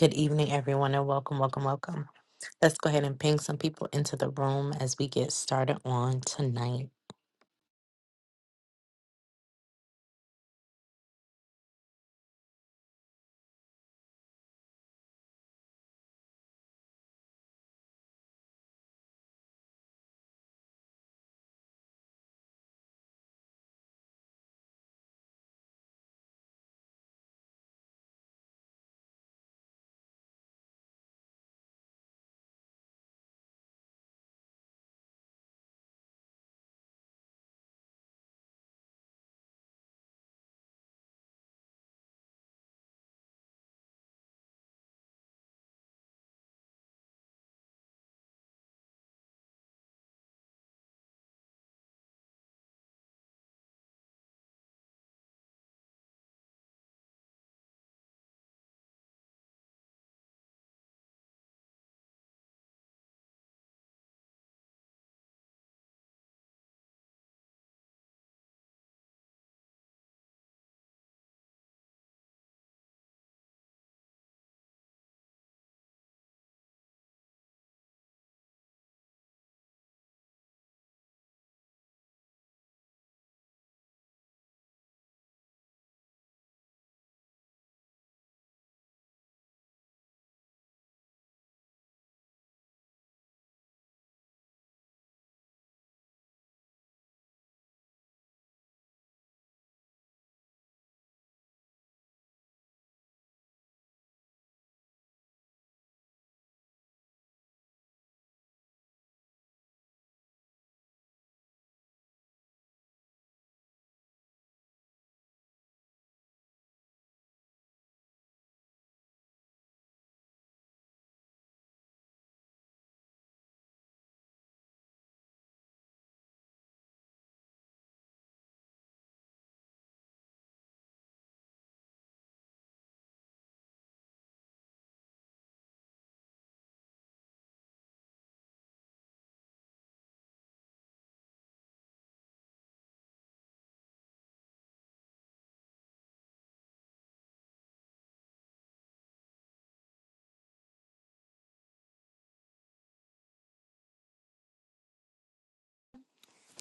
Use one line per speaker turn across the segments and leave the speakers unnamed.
Good evening, everyone, and welcome, welcome, welcome. Let's go ahead and ping some people into the room as we get started on tonight.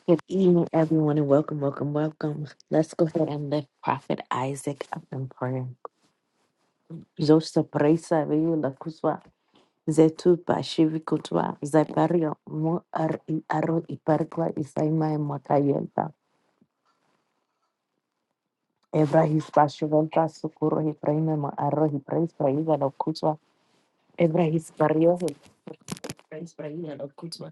Good evening, everyone, and welcome, welcome, welcome. Let's go ahead and lift Prophet Isaac up in prayer. Zosta presa veio la kuswa, zetu pa shivi kutwa, zaipario mo ar i aro i parkwa i saima e makayelta. Ebrahis pashivelta sukuro hi preina ma arro hi preis praida lo kutwa. Ebrahis pario hi preis praida lo kutwa.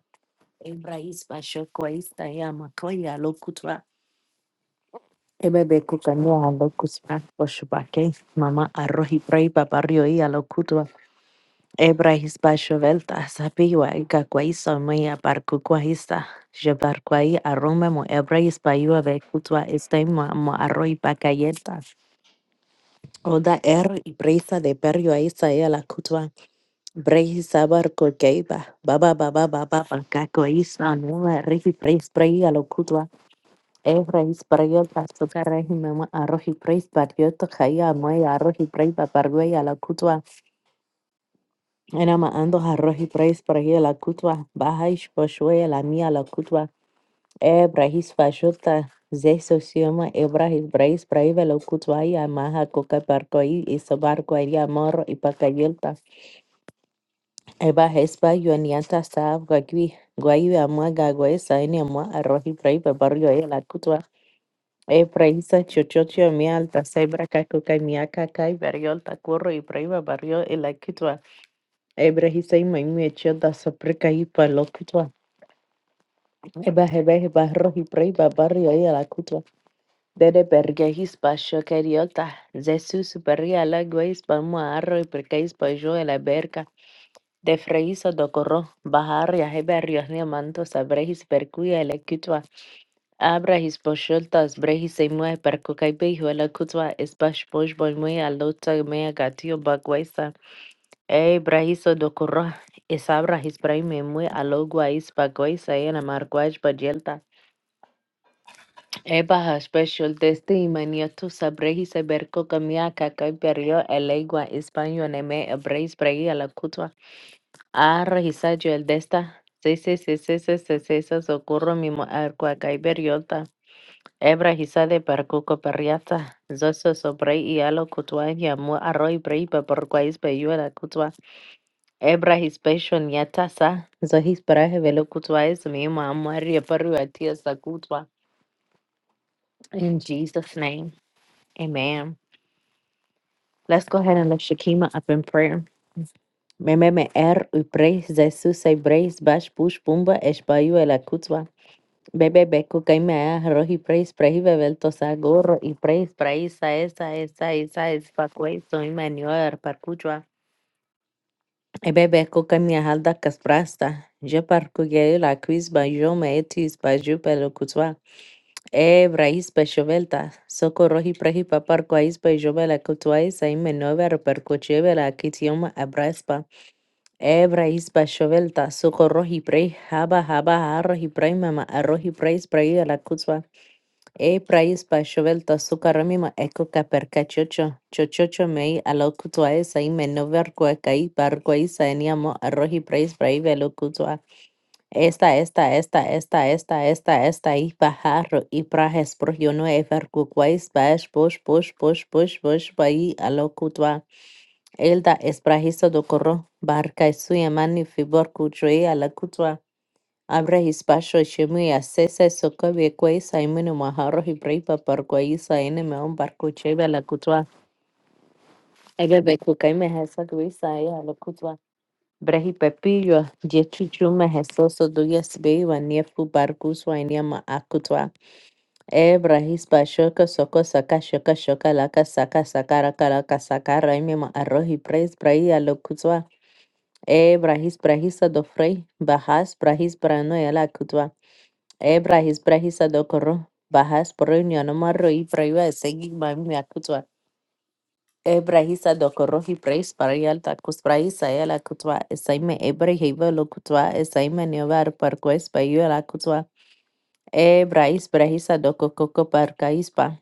Embrace Bashoko Istayama Koya Lokutra. Ebebe Kukanya Lokutra Boshubake. Mama Arrohi Bray Babario Ia Lokutra. Ebrahis Bashovelta Sapiwa Gakwaisa Maya Barkukwahista. Jebarkwai Arome Mo Ebrahis Bayua Bekutra Istaima Mo Arrohi Bakayeta. Oda er y brisa de perro ahí saía la cutua. Breis sabar coqueiba. Baba baba baba baba cacoísa. No me rifi breis breis lo cutua. Evrahis Parayot Bastoka Mama Arroji Preis Barriot Jaya Moy Arroji Preis Papargueya La Cutua Enama Ando Arroji Preis Paraya La Cutua Bahaish Poshueya La Mia La Cutua Ebrahis Fashota Zeso Sioma Ebrahis Preis Praiva La Cutuaya Maha Coca Parcoí y Sobarco Aria Morro y Pacayelta Eba Hespa Yoniata Sab Gagui Guayu Amua Gagüe Saini Amua Arroji Preis Papargueya La Cutua Epraísa, Chochocho, Mialta, Sebra, Cacuca, Miaca, Cay, Barriol, Tacurro, y Prima, Barrio, el Aquitua, Ebrejisa y Maimiecho, da Sopreca y Palocutua, Ebajebeje, Barro y Prima, Barrio y Alacutua, Dede Bergejis, Basho, Cariota, Zesus, Barria, Lagueis, Palmo, Arro y Percais, Bajo, el aberca de Freísa, Docorro, Bajarria, Heberrios, Diamantos, Abrejis, Percuya, el Aquitua, Abrahís especialtas abrahís se mueve por cualquier lugar del mundo. Es bajo el movimiento al otro de la gatillo baguésa. El abrahís ocurre. Es abrahís para mí al lugar es baguésa y en el marco es bagueta. Es baja especial de este imanío tu sabrís saber cómo hay cualquier yo el agua español el abrahís para el lugar. Abrahís ha hecho el desta. Sí sí sí sí sí sí sí su ocurre mi arco hay cualquier alta. Ebra hisade per cuco perriata, zoso sobre ialo cutua yamu arroi breiba por guais beyuela cutua. Ebra his passion yatasa, zo his paraje velo cutua es mi mamuaria perru atias la cutua. In Jesus' name, amen. Let's go ahead and lift Shakima up in prayer. Mememe er u praise Jesus, I praise bash push pumba, es bayu el Bebe, ve, cuca me arroz y preis, preis, bebel, tosa, gorro y preis, preis, esa, esa, esa, es pacuay, soy manior, parcuchua. Bebe, cuca y me halda casprasta. Yo parcuye la quiz bajo me etis, bajo yo pelo cutua. E braís, pe chovelta. Socorro y preis, pa parcuais, pe yo bela cutua, esa y menover, percuche bela quitioma abraspa. E braís, pa chovelta, socorro y preis, haba jaba, arroz y mama, arroz y preis, preis, la cutua. E praiz paixovel tosu karamima eko kapercachocho, chochocho mei alo kutua sa ime nover kuakai par kuaisa eniamo arroji praiz praivelo kutua. Esta, esta, esta, esta, esta, esta, esta, y pajarro, y prajes projono efer kukwais bash push push push push push bai alo kutua. Elda es prajizo do corro, barca y suyamani fibor kuchue ala Abra hispasho shemu ya sesa soko bekwa isa imenu maharo hibraipa parkwa isa ene meon barco cheva la kutwa. Ega beku kaime hesa kwa isa ya la kutwa. Brehi pepillo, jechu chuma hesoso duyas beiwa niefu barkuswa inyama akutwa. Ebra hispashoka soko saka shoka shoka laka saka sakara karaka sakara imema arrohi praise brai ya la kutwa. Ebra hisprahisa do frei, bahas brahis brano ya la kutwa. Ebra his brahisa dokoro. Bahas proinio no marro y proiva segi mami akutwa. Ebra hisa dokoro hi preis parial takus praisa el akutwa. Esaime ebra hiva lokutwa. Esaime nevar parques paio el akutwa. Ebra is brahisa doko coco parcaispa.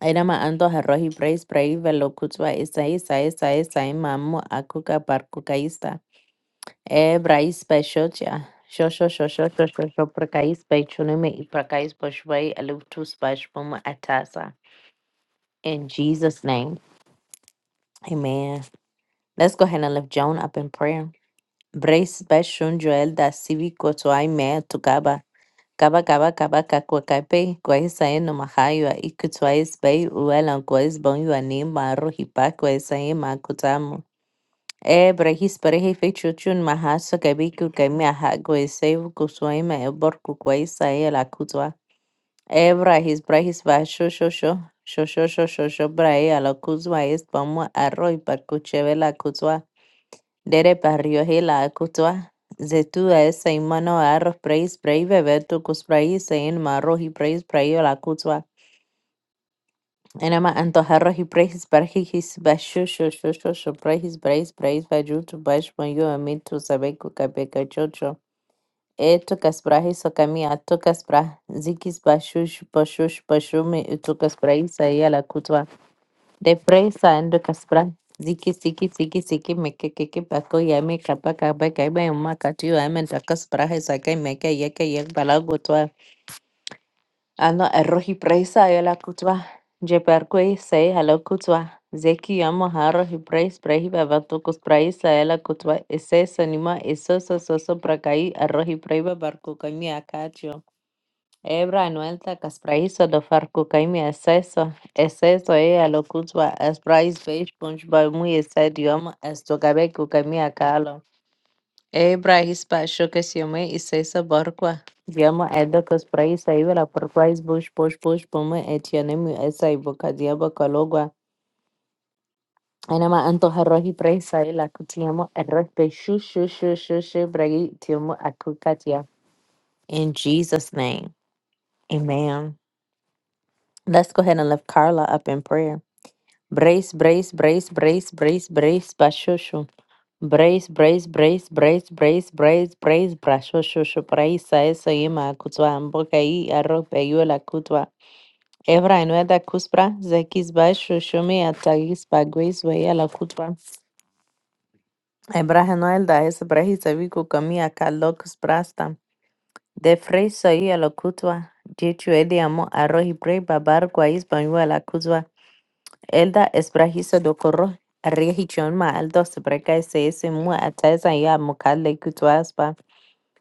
Enama ando harro hi preis praiva lokutwa. Esai sa esa esa mamu akuka parkukaista. Ebrais Peixotia. Xoxo, xoxo, xoxo, xoxo, Prakais Peixunime, Prakais Poshway, Alutus Pashpum Atasa. In Jesus' name, amen. Let's go ahead and lift Joan up in prayer. Brais Peixun Joel da Sivi Kotuai Mea Tukaba. Kaba kaba kaba kakwakape kwaisae no mahaywa ikutuais bei uela kwais bon yuanim maru hipa kwaisae makutamu. Ebrahis pareja y fechuchun mahasa kabiku kaimia hago eseu kusuaima eborku kuaisa e la kuzwa. Ebrahis brahis va shoshosho. Shoshosho shosho brae la kuzwa es pamua arroy par la kuzwa. Dere parrioje la kuzwa. Zetua esa imano arroz preis brei bebetu kus preis en marroji preis preio la kuzwa. Enema antojarros y praise barjijis bashushu shushushu praise praise praise bayutu bashmayu amitu sabeku kapeka chocho. E tukas brahis okami atukas brah zikis bashush bashush bashumi utukas brahisa y la kutwa. De presa endukas brah ziki ziki ziki ziki meke keke pako yami kapaka kapaka iba yuma katiu amen takas brahis akai meke yeke yek balago twa Ano erohi preisa yela kutwa. Jeperkwe say hello kutwa. Zeki yamo harohi preis prehi bavatukus praisa yela kutwa. Ese sonima eso so so so prakai erohi preiba barku kami akacho. Ebra anuelta kas praiso do farku kaimi eseso. Eseso e alo kutwa. Es prais beish punch ba muy esedio. Es tokabe kukami akalo. Hebra Hispashokasiyome Isesa Barqua. Yama Adakas Prais Ivala Parquais Bush Bush Bush Puma Etianemu Esai Bocadiaba Calogua. Anama Anto Harohi Prais Saila Kutiamo Erpe Shu Shu Shu Shu Shu Bragi Tiamo Akukatia. In Jesus' name. Amen. Let's go ahead and lift Carla up in prayer. Brace, brace, brace, brace, brace, brace, basho Brace, brace, brace, brace, brace, brace, brace, brazo, shosho, praisa, eso, yema, kutwa, mboka, y arroz, peyuela, kutwa. Ebra, enueda, cuspra, zequis, ba, shoshome, atagis, baguis, veía la kutwa. Ebra, enuelda, es brejis, abico, comía, calocus, prasta. De freisa, y a la kutwa. Dicho, el amo, arroz, y bre, babar, guais, bañuela, la kutwa. Elda, es brajizo, do corro, regichon, ma, aldo, se breca, ese, ese, mu, ataesa, ya, mocal, le, kutwa, aspa.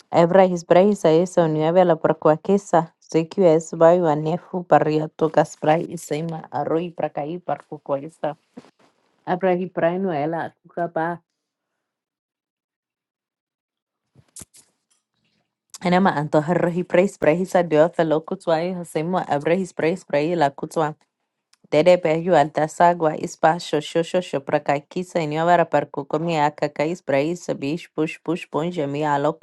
Hebra hisbraisa eso nieve la percuaquesa. Sequia es bayo anefu barria tocas brai y seima arroi bracaí parcuquesa. Abra hibrai nuela cucaba. Enema antoja hibrais braisa dio felo cutuai hasemo abra hisbrais brai la cutua. Dede peju altasagua ispa shosho shosho bracaquisa y nieve la percucomia cacais brai sabish push push ponja mi alo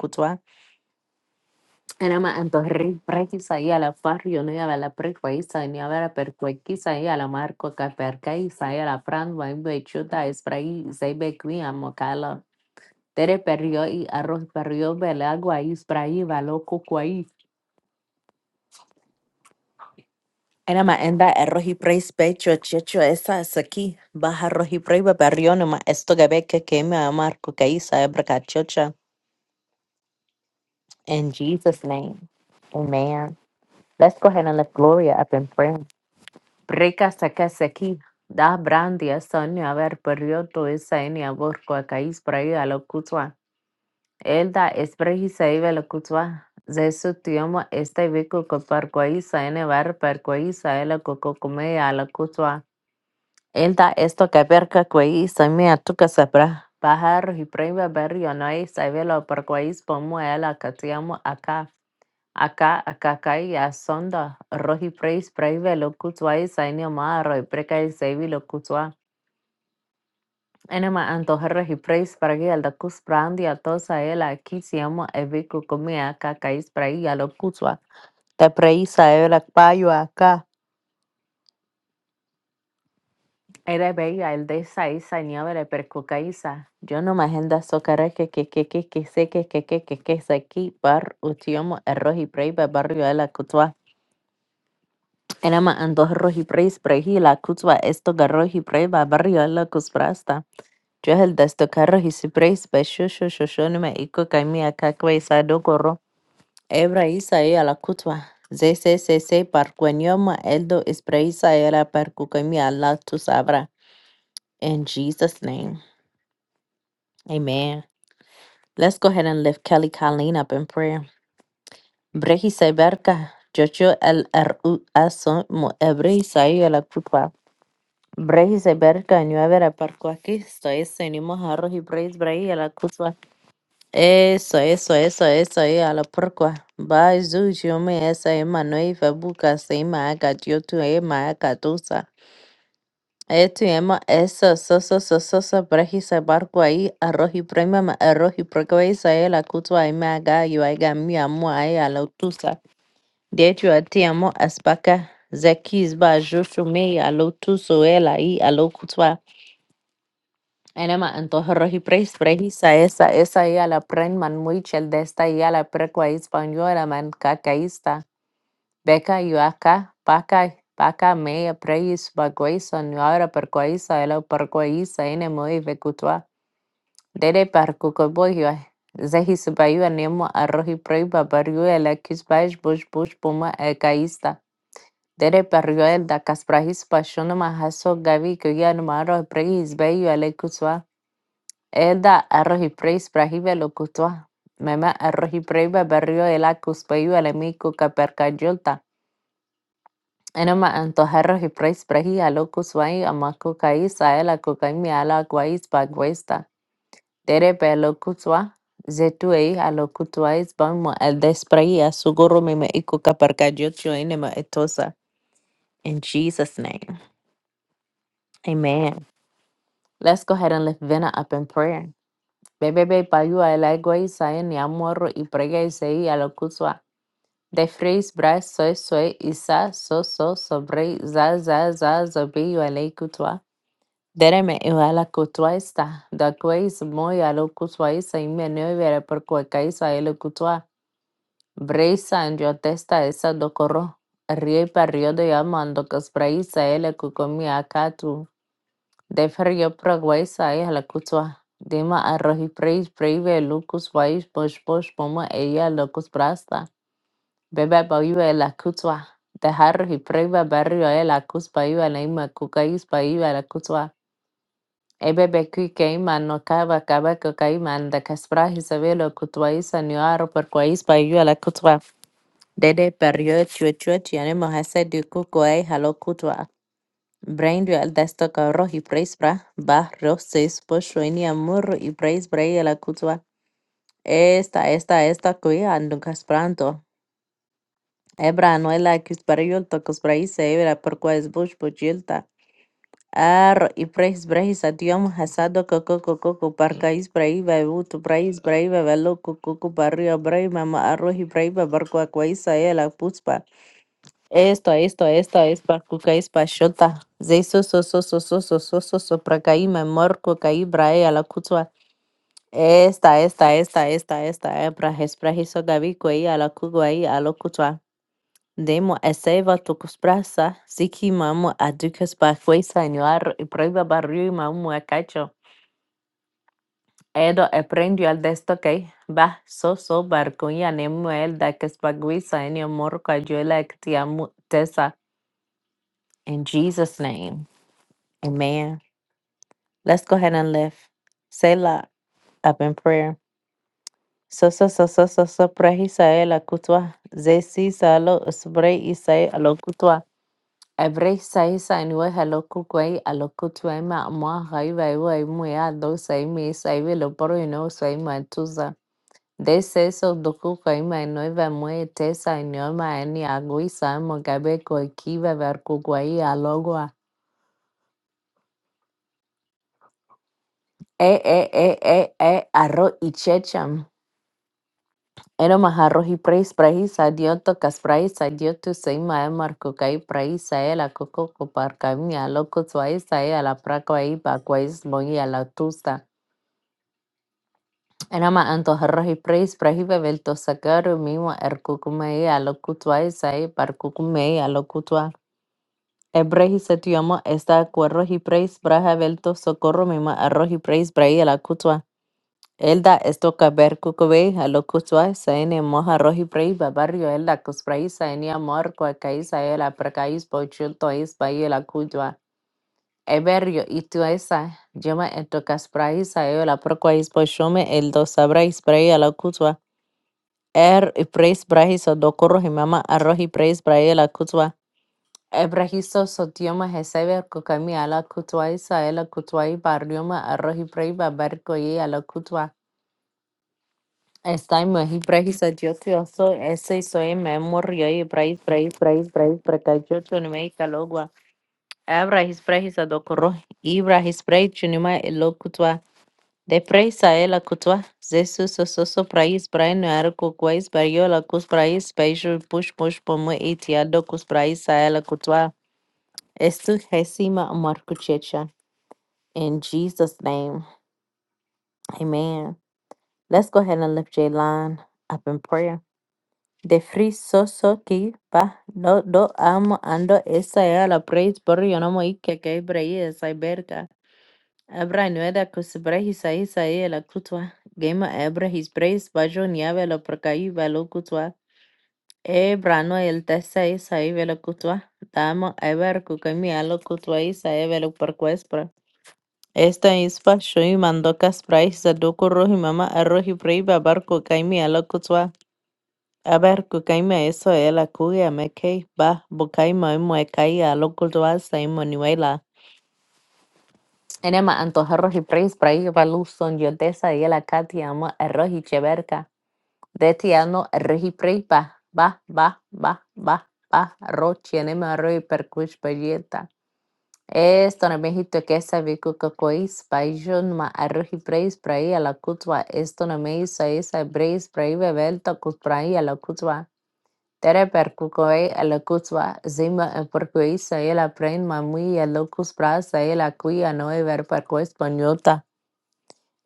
Anama antorri preki sai ala farrio ne ala preko isa ni ala perko kisa i ala marco ka perka isa i ala fran va imbe chuta esprai sai be qui amo kala tere perrio i arroz perrio bele agua i esprai va loco quai Anama enda arroz y preis pecho checho esa es aquí baja arroz y prei no ma esto que ve que que marco ka isa e in Jesus name amen let's go ahead and lift Gloria up in prayer Breka saka saki. Da brandia sonia haber periodo esa en abor kwa kais prayo a lo kutwa. Elda esprehi saive lo kutwa. Zesu tiomo este vico ko par kwaisa en var par kwaisa el coco come a lo kutwa. Elda esto que perca kwaisa me atuca sabra. bajar y prema barrio no es saive lo par kwais pomo el acatiamo acá Acá Aka akakai asonda rohi preis praive locutua y saini omaro y preca y seivi locutua. Enema antoja rohi preis pragi al dacus prandi a tosa aquí si amo evicu comia kakais pragi a locutua. Te preisa el payo acá. Era bella el de esa isa ni abre percucaisa. Yo no me agenda socara que que que que que se que que que que que se aquí par utiomo el rohi praive barrio el Enema andohroj y preis preji la kutzwa esto garroj y prei ba barrio la kuzprasta. Johel desto carro y si preis be shusho shoshonime iko kaimia kakwe isa dogoro. Ebra isa ea la kutzwa. ZCCC parquenioma eldo is preisa era percucamia la tu sabra. In Jesus' name. Amen. Let's go ahead and lift Kelly Colleen up in prayer. Brehi se berka. Jojo el RUS mo ebre isa ea la kutwa. Brace y Berka, Nueva Parco aquí, estoy seguimos a Roji Brace Bray a la Cusua. Eso, eso, eso, eso, a la porcua. Bye, yo me esa Emma no iba buca, se ima haga yo tu Emma haga tusa. Esto Emma, eso, so, so, so, so, so, Brace y Barco ahí, a Roji Prima, a Roji Proco, esa es la Cusua, y me haga yo haga mi amo ahí a la tusa. De hecho, a ti amo, aspaca. Zekis ba yo me a lo tuso, él ahí a lo cruzva. Ene ma antojo roji pres prejisa esa esa ya la pren man muy chel de esta ya la precua española man cacaísta. Beca yo acá, paca, paca meia preis baguesa no ahora percuaísa el percuaísa ene muy vecutua. Dede percucoboyo. Zehi subayo nemo a roji prei babario el acus baix bush bush puma e caísta. Dede perrio el da casprahis pachono mahaso gavi que ya no maro preis bello el Eda arroz y preis brahive lo cutua. Meme arroz y barrio berrio el acus payu el amico capercayolta. Enema antojarros y preis brahi a locus vai amaco cais a el acocaimi a la guais baguesta. Dere pe lo cutua. Zetu ei a lo cutuais bamo el desprai a sugoro meme ico capercayolcho enema etosa. In Jesus' name. Amen. Let's go ahead and lift Vena up in prayer. Bebebe payu a el aguais a en yamorro y prega y sei a De phrases bras soy soy isa so so sobre za za za zobi yualei kutwa. Dereme yuala kutwa esta. Da kueis mo yalo kutwa isa imeneo yere por cueca isa ele kutwa. Breisa en yo testa esa do corro. Río y parrio de llamando que spraisa ele kukomi akatu. De frío proguesa guaisa la kutwa. Dima arroz y preis preive lucus vais posh posh pomo ella locus brasta. Beba baiba la kutwa. The harri preba barrio e la kus baiba na ima kukais baiba la kutwa. Ebebe kui keima no kaba kaba kukaima da kasprahi sabelo kutwaisa nuaro per kwais baiba la kutwa. Dede perio chue chue chianemo hasedi kukuai halo kutwa. Braindio al desto carro y preisbra, barrio seis pocho en amor y preisbra la kutwa. Esta, esta, esta cuya anducas Ebra no ela kis bariyulta kus braisa ebra por quais bush bujilta. Ar y preis breis adiom hasado coco coco coco parcais braiva ut brais braiva velo coco coco barrio braiva ma arroji braiva barco aquaisa e la puspa. Esto, esto, esto es barco cais pachota. Zeiso so so so so so so so so pracaima morco caí brae a la cutua. Esta, esta, esta, esta, esta, ebra, es esprajiso gavico ahí a la cugo ahí a lo cutua. De må jeg si hva dere sprer seg, siki mamu a pa fuesa en yoar i proiba barrio i mamu a Edo e prendio al desto que va so so barcuña nemu el da que spaguisa en yo morco ayuela que tesa. In Jesus' name, amen. Let's go ahead and lift. Selah up in prayer. So so so so so so prehisa el akutwa. Zesi salo spray isai alo kutwa. Ebrei saisa niwe haloku kwei aloku tuema mwa haiva iwe imu ya do saimi saivi lo poro ino saima tuza. De seso doku kwaima inoiva mwe tesa inioma eni agui saimo gabe koi kiva verku kwei alogwa. E e e e e arro ichecham. Eno maharro hi preis praisa adioto kas praisa adioto saima e marco kai praisa e la coco copar kami aloko tuaisa e la praco e pa kwais mogi a la tusa. أنا ما أنتظر praise prahibe belto sakaru miwa erkukumei alokutua isai parkukumei alokutua. Ebrehi setiomo esta cuerrohi praise braha belto socorro mima arrohi praise brahi alakutua. Elda esto caber cucubei alokutua saene moja rohi praise babarrio elda cusprai saene amor cuacaisa el apracais pochulto is baile alakutua. Eberio ituesa, llama esto casprai sae la apracuais pochome el eldo sabrais brai cutua Er praise brahi sodokoro himama arrohi praise brahi la kutwa. Ebrahiso sotioma hesebe kokami ala kutwa isa ela kutwa i barrioma arrohi prahi babarko ye ala kutwa. Estai mohi brahi sodioti oso ese soe memor yoi brahi brahi brahi brahi prakajo chunime ikalogwa. Ebrahis brahi sodokoro. Ibrahis brahi chunima elo kutwa. De praisa ela kutwa. Jesus soso praise brain ar kukwais bariola kus praise special push push pomo etiado kus praisa ela kutwa. Estu hesima marku checha. In Jesus' name, amen. Let's go ahead and lift Jaylon up in prayer. De free soso ki pa no do amo ando esa ela praise barrio no mo ike que brai esa Abra nuera cosebra isaí saí la cutua. Gema ebra his brace bajo niave lo percaí velo cutua. Ebra no el tesa isaí velo cutua. Damo ever cucami a lo cutua isaí velo percuespra. Esta ispa shui mando caspra isa doco roji mama arroji prei babar cucami a lo cutua. Aber cucami eso el acuya me que ba bucai moe muecai a lo cutua saí Manuela. Nena, me antoja arroz y pres, para ir para luz, son yo de esa y la Katy, amo arroz y cheverca. De este ano, arroz y pres, va, va, va, va, va, va, arroz, tiene arroz y percuis, pelleta. Esto en México que es sabico cocois, paillón, ma arroz y pres, para ir a la cutua. Esto no me hizo esa bres, para ir bebelto, cus para ir a la cutua. Tere percucoe a la cutua, zima en porcuis, ahí la pren, mamui, a locus pras, ahí la cuya, no ver percuis, pañota.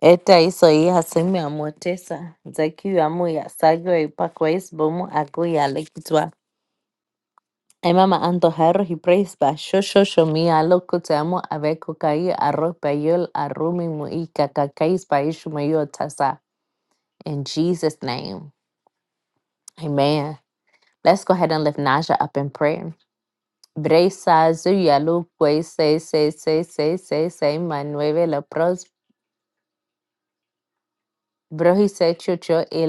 Esta hizo hijas seme a motesa, zaki amuya, sago y pacuais bomo aguya lekitua. Ay mama anto jarro y preis ba sho sho sho mi alo kutamo amo ave kukai arro payol arrumi mu i kakakais pa ishu tasa. In Jesus name, amen. Let's go ahead and lift Naja up in prayer. Bresa zu yalu pues se se se se se se manueve la Bro, he said chucho y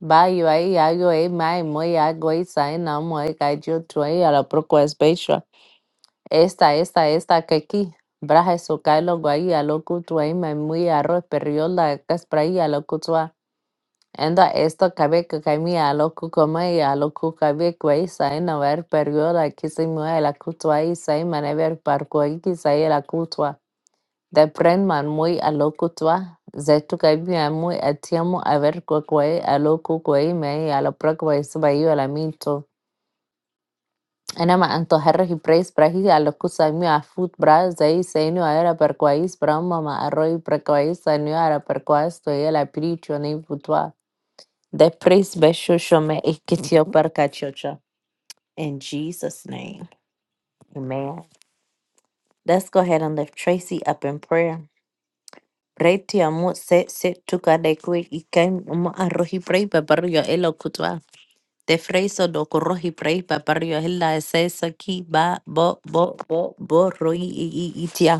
Ba yo ahí hago y mai muy hago y sai na muy gallo tuay a la proco es becho. Esta, esta, esta que aquí. Braja eso cae lo guay a lo cutua y mai muy arroz perriola caspra y a lo cutua. Enda esto cabe que cami a lo cucoma y a lo cucabe guay sai na ver perriola que se mueve la cutua y sai manever parco y que sae la cutua. Te prenman muy a lo kutwa, zetu kaibi a muy atiamu a ver kukwai a lo kukwai mei a lo prokwai subayu a la minto. Enama anto herri preis brahi a lo kusami a fut bra zei senu a era per quais brahma ma arroi per quais senu a era per quais to e la piricho nei futwa. De preis besho shome ikitio per kachocha. In Jesus' name. Amen. Let's go ahead and lift Tracy up in prayer. Right ya mo se se tuka de kwe ikan mo arroji prei paparrio el okutwa. Te freiso do corroji prei paparrio ella la e se saki ba bo bo bo bo roi i i itia.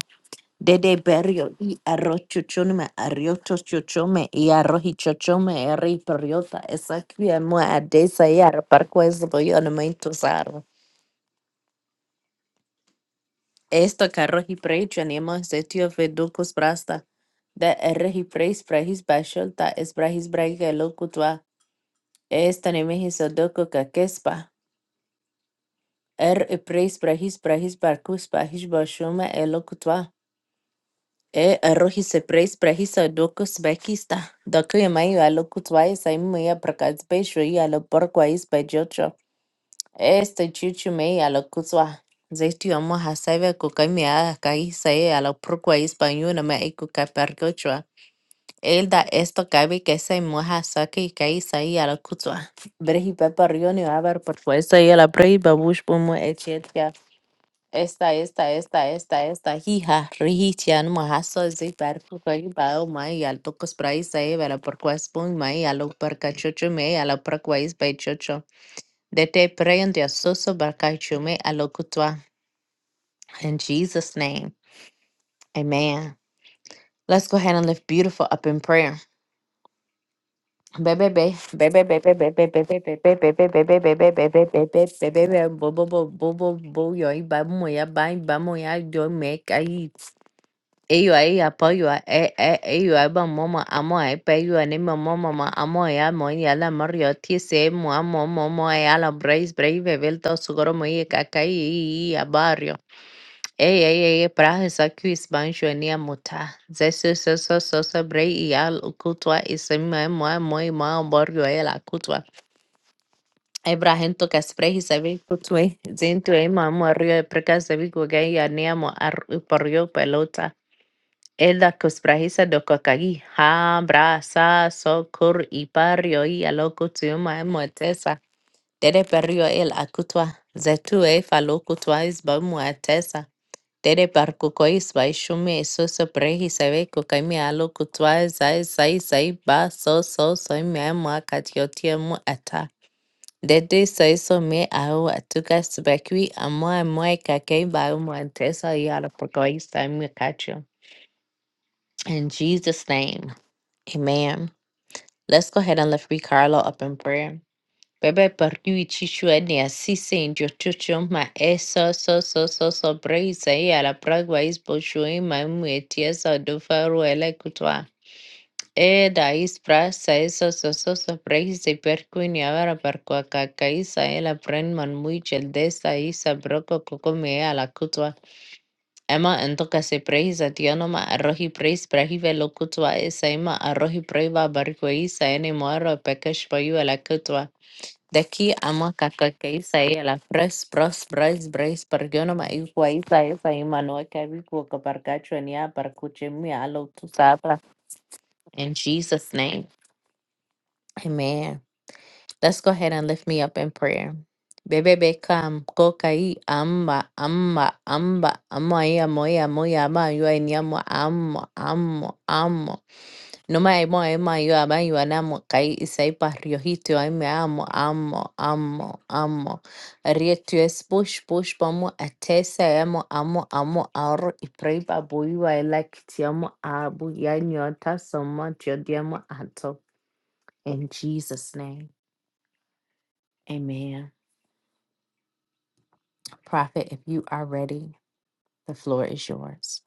De de berrio i arroz chuchome arrioto chuchome i arroji chochome erri perriota esa qui mo adesa i arparco es boyo no me intusar. Esta carro he prayed Janema setio veducus brasta. Da erre he prays brahis bashol ta es brahis brahiga locutva. Esta neme he sadoco kakespa. Er e prays brahis brahis barcus bahis bashuma elocutva. E erro he se prays brahis sadoco bekista. Doco yamai alocutva es aimia prakats besho y aloporquais bejocho. Este chuchu me a la kuzwa. Zeiti amo hasebe kukamia kai sae a la prokwa española me eku kapergochwa. Él da esto cabe que se moja saque y cae saí a la cutua. Brehi pepa rioni a ver por pues saí a la brehi babush pomo echetia. Esta, esta, esta, esta, esta, hija, rihichian mojaso zi perco cari bao mai al tocos prai saí a la porquas pon mai a lo percachocho me a la porquais pechocho. that they te pray in their soso barkaichume alokutwa. In Jesus' name, amen. Let's go ahead and lift beautiful up in prayer. Baby, baby, baby, baby, baby, baby, baby, baby, baby, baby, baby, baby, baby, bobo, bobo, bobo, yo, bamu, ya, bang, bamu, ya, yo, make, I, ayo, ay, apo, yo, eh, eh, ayo, aba, mama, amo, I pay you, and my mama, amo, ya, mo, ya, la, mario, tse, mo, amo, momo, ya, la, brace, brave, velto, sugoro, mo, ye, kakai, barrio. Ey, ey, ey, prahisaki ispanjuania muta. Zesu soso soso brei ial kutwa isema moa moi moa borgo e la kutwa. Ebrahento kasprehi sabi kutwe. Zintu e moa morio e preka sabi kugai ania mo ar porio pelota. Eda kusprahisa do kokagi. Ha bra sa so kur ipario i aloko tiuma e moa tesa. Tere perio el akutwa. Zetu e falo kutwa isba moa tere par ku koi svai shumi so so prehi save ku kaimi alu ku zai zai zai ba so so so me ma katiotia mu ata. Dede sai so me au atuka sbekwi amoa moe kakei ba umu antesa yara por koi sai mu katio. In Jesus' name, amen. Let's go ahead and lift Ricardo up in prayer. Baba barikiwe chichwa ni asise ndio chocho ma eso so so so so braisa hii ala pragwa is boshui ma mwetiesa dofaru ele kutwa. E da is prasa eso so so so braisa perkui ni avara parkwa kakaisa ela brenman muichel desa isa broko kokome ala kutwa. Ema entoka se praisa tiano ma arrohi prais prahive lo kutwa esa ema arrohi praiva barkwa isa ene moaro pekash payu ala kutwa. De aquí ama caca que isa y la pres pros pres pres pergono ma igua isa isa y manoa que vivo que parcacho en ya parcuche mi alo tu sabra. In Jesus name. Amen. Let's go ahead and lift me up in prayer. Bebe bekam kokai amba amba amba amoya ya moya moya ma yua nyamo amo amo amo. No me vayamos a ayuda, me caí y se para riojito, ahí me amo, amo, amo, amo. Rieto es push, push, vamos a tesa, amo, amo, amo, ahorro y pray para buiva, el like, te amo, abu, ya nyota, so much, yo te amo, ato. In Jesus' name, amen. Prophet, if you are ready, the floor is yours.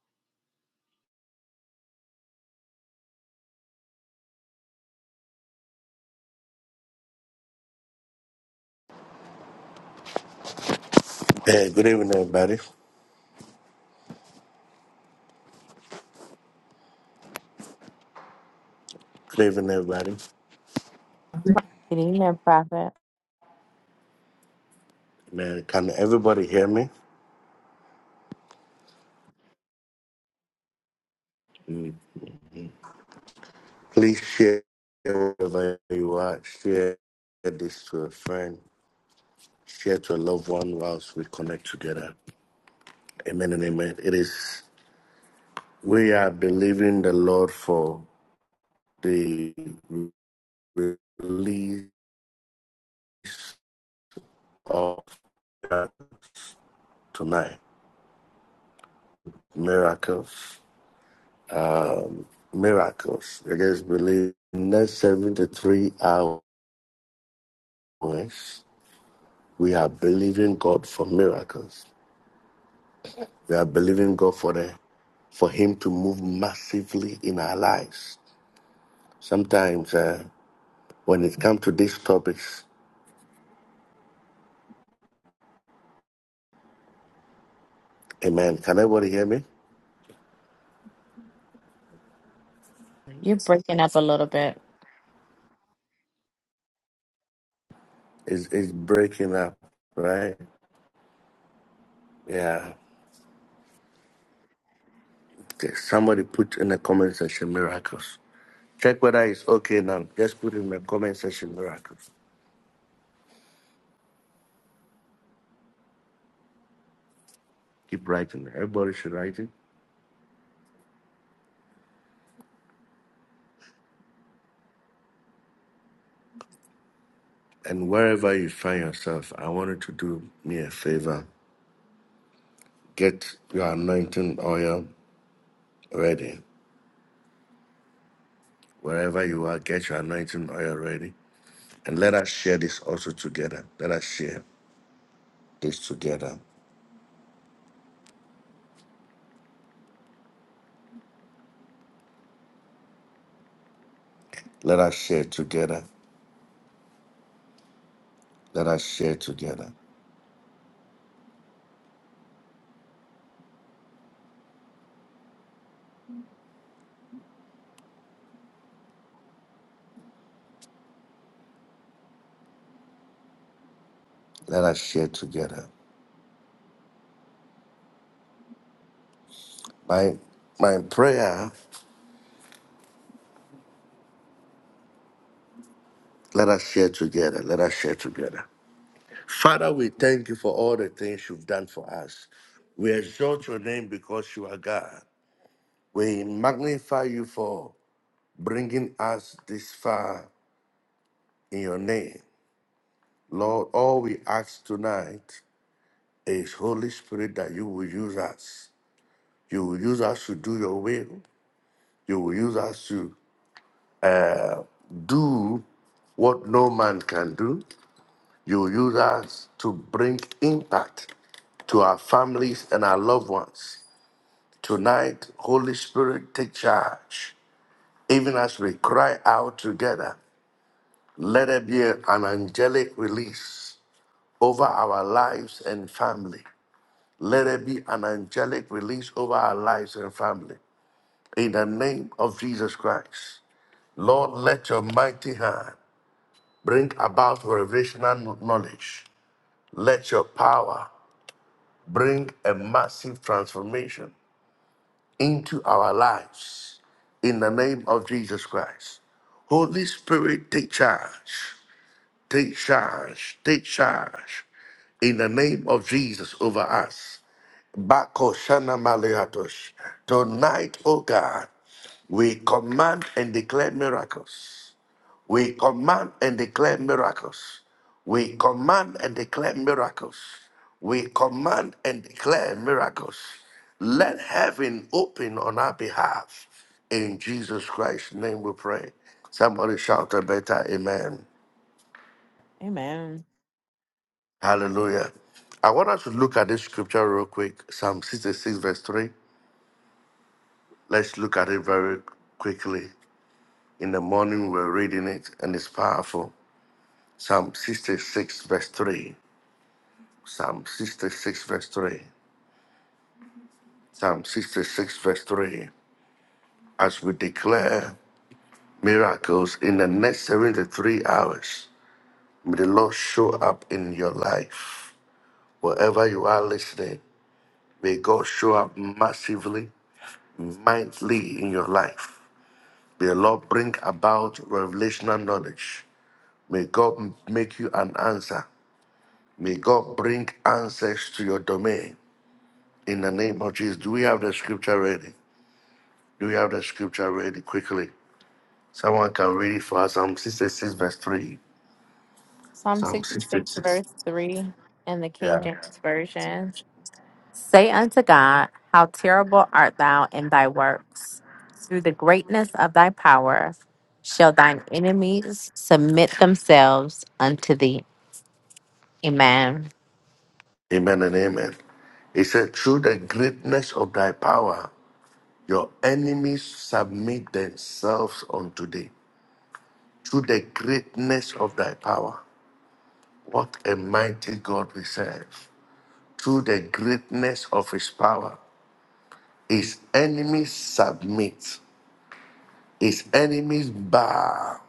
Hey, good evening, everybody. Good evening, everybody.
Oh
Good evening, Prophet.
Man, can everybody hear me? Mm. Please share wherever you are. Share this to a friend. Share to a loved one whilst we connect together. Amen and amen. It is, we are believing the Lord for the release of that tonight. Miracles. Miracles. I guess believe in the next 73 hours. We are believing God for miracles. We are believing God for the for Him to move massively in our lives. Sometimes uh, when it comes to these topics, Amen. Can everybody hear me?
You're breaking up a little bit.
It's, it's breaking up, right? Yeah. Okay. Somebody put in the comment section miracles. Check whether it's okay now. Just put in the comment section miracles. Keep writing. Everybody should write it. And wherever you find yourself, I want you to do me a favor. Get your anointing oil ready. Wherever you are, get your anointing oil ready. And let us share this also together. Let us share this together. Let us share together. Let us share together. Let us share together. My my prayer, let us share together. Let us share together. Father, we thank you for all the things you've done for us. We exalt your name because you are God. We magnify you for bringing us this far in your name. Lord, all we ask tonight It's Holy Spirit that you will use us. You will use us to do your will. You will use us to do what no man can do. You will use us to bring impact to our families and our loved ones. Tonight, Holy Spirit, take charge. Even as we cry out together, let there be an angelic release over our lives and family. Let there be an angelic release over our lives and family. in the name of Jesus Christ. Lord, let your mighty hand bring about revelational knowledge. Let your power bring a massive transformation into our lives in the name of Jesus Christ. Holy Spirit, take charge, take charge, take charge in the name of Jesus over us. Bako Shana Maleatos. Tonight, oh God, we command and declare miracles. We command and declare miracles. We command and declare miracles. We command and declare miracles. Let heaven open on our behalf. In Jesus Christ's name we pray. Somebody shout a better amen.
Amen.
Hallelujah. I want us to look at this scripture real quick. Psalm 66, verse 3. Let's look at it very quickly. In the morning, we're reading it, and it's powerful. Psalm 66, verse 3. Psalm 66, verse 3. Psalm 66, verse 3. As we declare miracles in the next 73 hours, may the Lord show up in your life. Wherever you are listening, may God show up massively, mightily in your life. May the Lord bring about revelational knowledge. May God make you an answer. May God bring answers to your domain in the name of Jesus. Do we have the scripture ready? Do we have the scripture ready quickly? Someone can read it for us. Psalm 66, verse 3.
Psalm
Psalm
66,
66.
verse 3 in the King
Yeah.
James Version. Say unto God, How terrible art thou in thy works! Through the greatness of thy power shall thine enemies submit themselves unto thee. Amen.
Amen and amen. It said, Through the greatness of thy power, your enemies submit themselves unto thee. Through the greatness of thy power. What a mighty God we serve. Through the greatness of his power, his enemies submit, his enemies bow.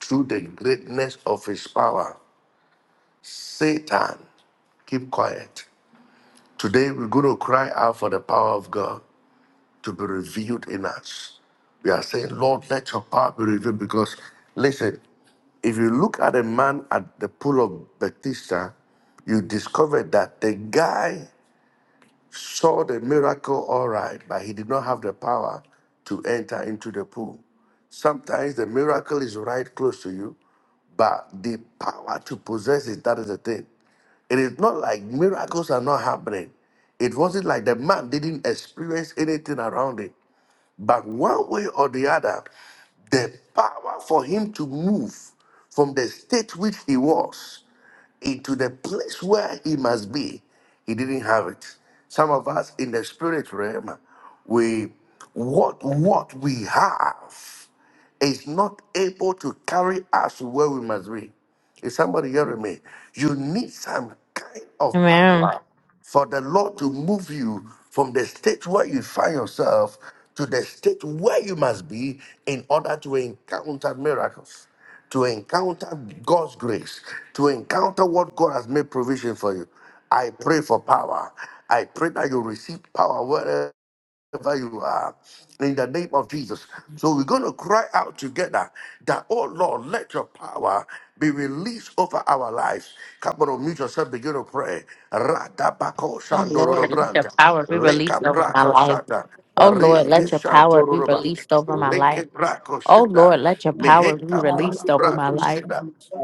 Through the greatness of his power, Satan, keep quiet. Today, we're going to cry out for the power of God to be revealed in us. We are saying, Lord, let your power be revealed because, listen, if you look at a man at the pool of Bethesda, you discover that the guy saw the miracle all right, but he did not have the power to enter into the pool. Sometimes the miracle is right close to you, but the power to possess it, that is the thing. It is not like miracles are not happening. It wasn't like the man didn't experience anything around it. But one way or the other, the power for him to move from the state which he was into the place where he must be, he didn't have it. Some of us in the spirit realm, we want what we have is not able to carry us to where we must be. Is somebody hearing me? You need some kind of
Amen.
power for the Lord to move you from the state where you find yourself to the state where you must be in order to encounter miracles, to encounter God's grace, to encounter what God has made provision for you. I pray for power. I pray that you receive power wherever wherever you are, in the name of Jesus. So we're going to cry out together that, oh Lord, let your power be released over our lives. Come on, mute yourself, begin to pray. Radabako
Oh
shandororo
Lord, let your
branta,
power be released
leka
over my
brako
life.
sata,
Oh Lord, let
reke
your power be
shantororo
released over
Lord
my life.
leke brako
Oh
shida,
Lord, let your power be
mehenta
God,
pala
released
let
over my
brado
life.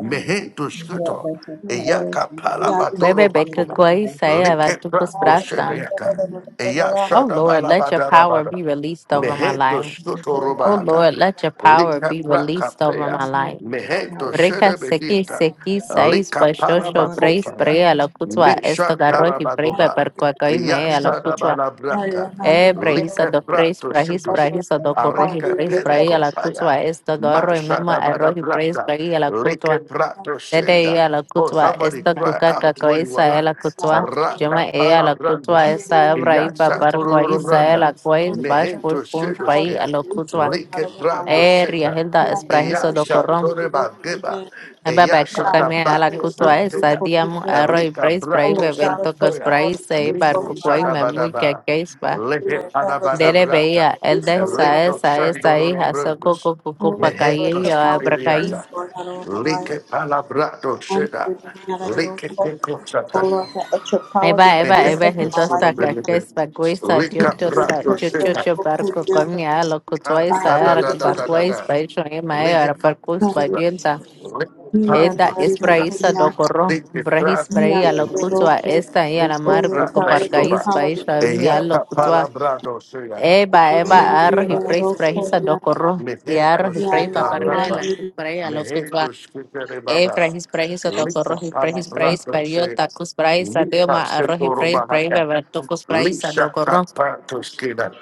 mehento
But
shkito,
the power of
eyaka pala
Bebe, be que
bakoba.
coi se va
Likepra Oshedayaka. Eya
Oh Lord, let your power
Shadabalabada.
be released over my
Mehento
life.
Stuto
Oh
Robahata.
Lord, let your power be
Likapra
released over
Capea.
my
your
life.
Mehento
power,
Breca sequi
Shedabehiata.
sequi seis
O
Likapana
bashocho
Lord, let
brace
your
Bakopaya.
brea la cutua esto
Mesha
garro y breva
Karabagoba.
per y
Eya
mea la
kingdom
cutua
Shadabalabrata.
e brehisa do praise
Likeprato
brahis
Shutus.
brahisa do corrohi
Arika
praise brea la
Pelekopaya.
cutua esto garro y mema
Masada bada
arrohi praise
brata,
brea la cutua
leke brato
Dede
shenda.
iba la
Oh,
cutua,
somebody
esta
cry
cuca
out where you
cacoisa es
are.
la cutua. Yo
Rata
me iba a
pala
la cutua,
brandus,
esa hebra
iya
iba para
satururu
cuaiza ella
branda,
la cuais, bash por
mehento
your
punch pa
power be
a
shedoskea,
la
released,
cutua.
Lord God,
leke
over my
brato
life.
Eh,
sheka,
riajelda
Yeah,
es
yeah, I'm
iya
prajizo
gonna
do
do
corrón.
satore
it
bageba,
again.
Eba
iya
ba
Yeah,
cuca
I'm
sada
me a
not
la
going
bato
cutua, esa
santea,
to
diamo
do it again.
arro y
elika
preis
Oh
prai
brato
God,
bebel
let your
tocos
santoya,
power be
praise y
released
bar
over
miko
my
cucuay
life.
sada
me
Lord.
muy que
badaba,
queispa.
leke
Oh
pada
God, let your
bada
Dede
power be
brata,
veía, el
released
de
over my
esa
eleko
life.
esa
Lord.
esa
sandoro
hija, so
brandus.
coco cucu
Oh
pa
God,
caí
let
Mehento
y
your power be
abra caí.
skibiriata.
released, Lord, not over my life.
Like palabrato
I'm
seda.
believing that I will
Like
fall.
teko
Oh
satana.
Lord, God, let your power be
Eba, eba,
released
eba,
Mehento
over
el
my
dos
life. Lord.
taca, que
skibiriata.
es baguiza,
Thank you,
like
can do
diotosa,
prato
it,
seda.
chuchucho,
Lord, for the
barco,
miracle,
comia,
Lord.
lo
God, I
Alta
cutuaiza,
don't
da
era
do
da da
the
da da
miracle.
cubarcuais,
da.
baixo, ema,
Lihe
era
pato
God, I
parcus,
don't do
seda.
bayenta,
Lihe
the miracle, you God,
pato
eda,
I do
es
seda.
braíza, docorro,
Lihe
brahis,
prato
braía, lo
the
seda.
cutua,
miracle.
esta, y a la
Let's
Oh
get
Lord,
marco,
back.
God,
Let's
let
go
your
back.
coparcais,
power be
baixo,
released
emia,
over
lo
Eyata
my life.
cutua,
palabrado suya.
eba,
Yaya
Lick
eba,
it
arroz y
mandiri
back.
preis,
roko
Suya.
brahisa,
mian,
docorro, y arroz
Mehento
y preis,
yaya
skita rapa.
paparriola,
mandiri
chupraia, lo cutua,
Mehento skita
ए
rebaba.
Praise praise तो
Lika
कोरोही praise praise
palabrado
परियो
suya.
ताकुस praise सादियो मा
Lika
अरोही
setoro
praise praise
bahata.
बेवरतो कुस प्राइस सादो
Lisa
कोरो
tapato skida.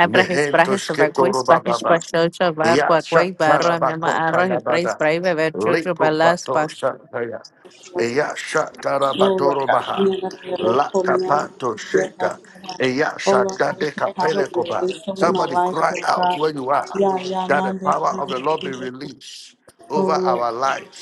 ए प्राइस
Mehento
प्राइस सब कोइस
skitoro
पाहिश
bababa.
पशोचो बार
Ya
को कोई बारो में मा
shatarabako
अरोही प्राइस
payabada.
प्राइस बेवरचोचो
Liko
बलास
pato
पा
shataya. Eya shatara
roko
batoro baha.
mian, yaya
La
roko mian,
kapato
yaya
sheta.
mian.
Eya
Oh Lord, God,
shatade
it's the power of
kapele
the
koba.
release over my
Somebody
life,
cry
Lord
out
God.
where you are
Yeah, yeah,
that the power of the Lord be
Monday.
released
Oh
over
Lord,
our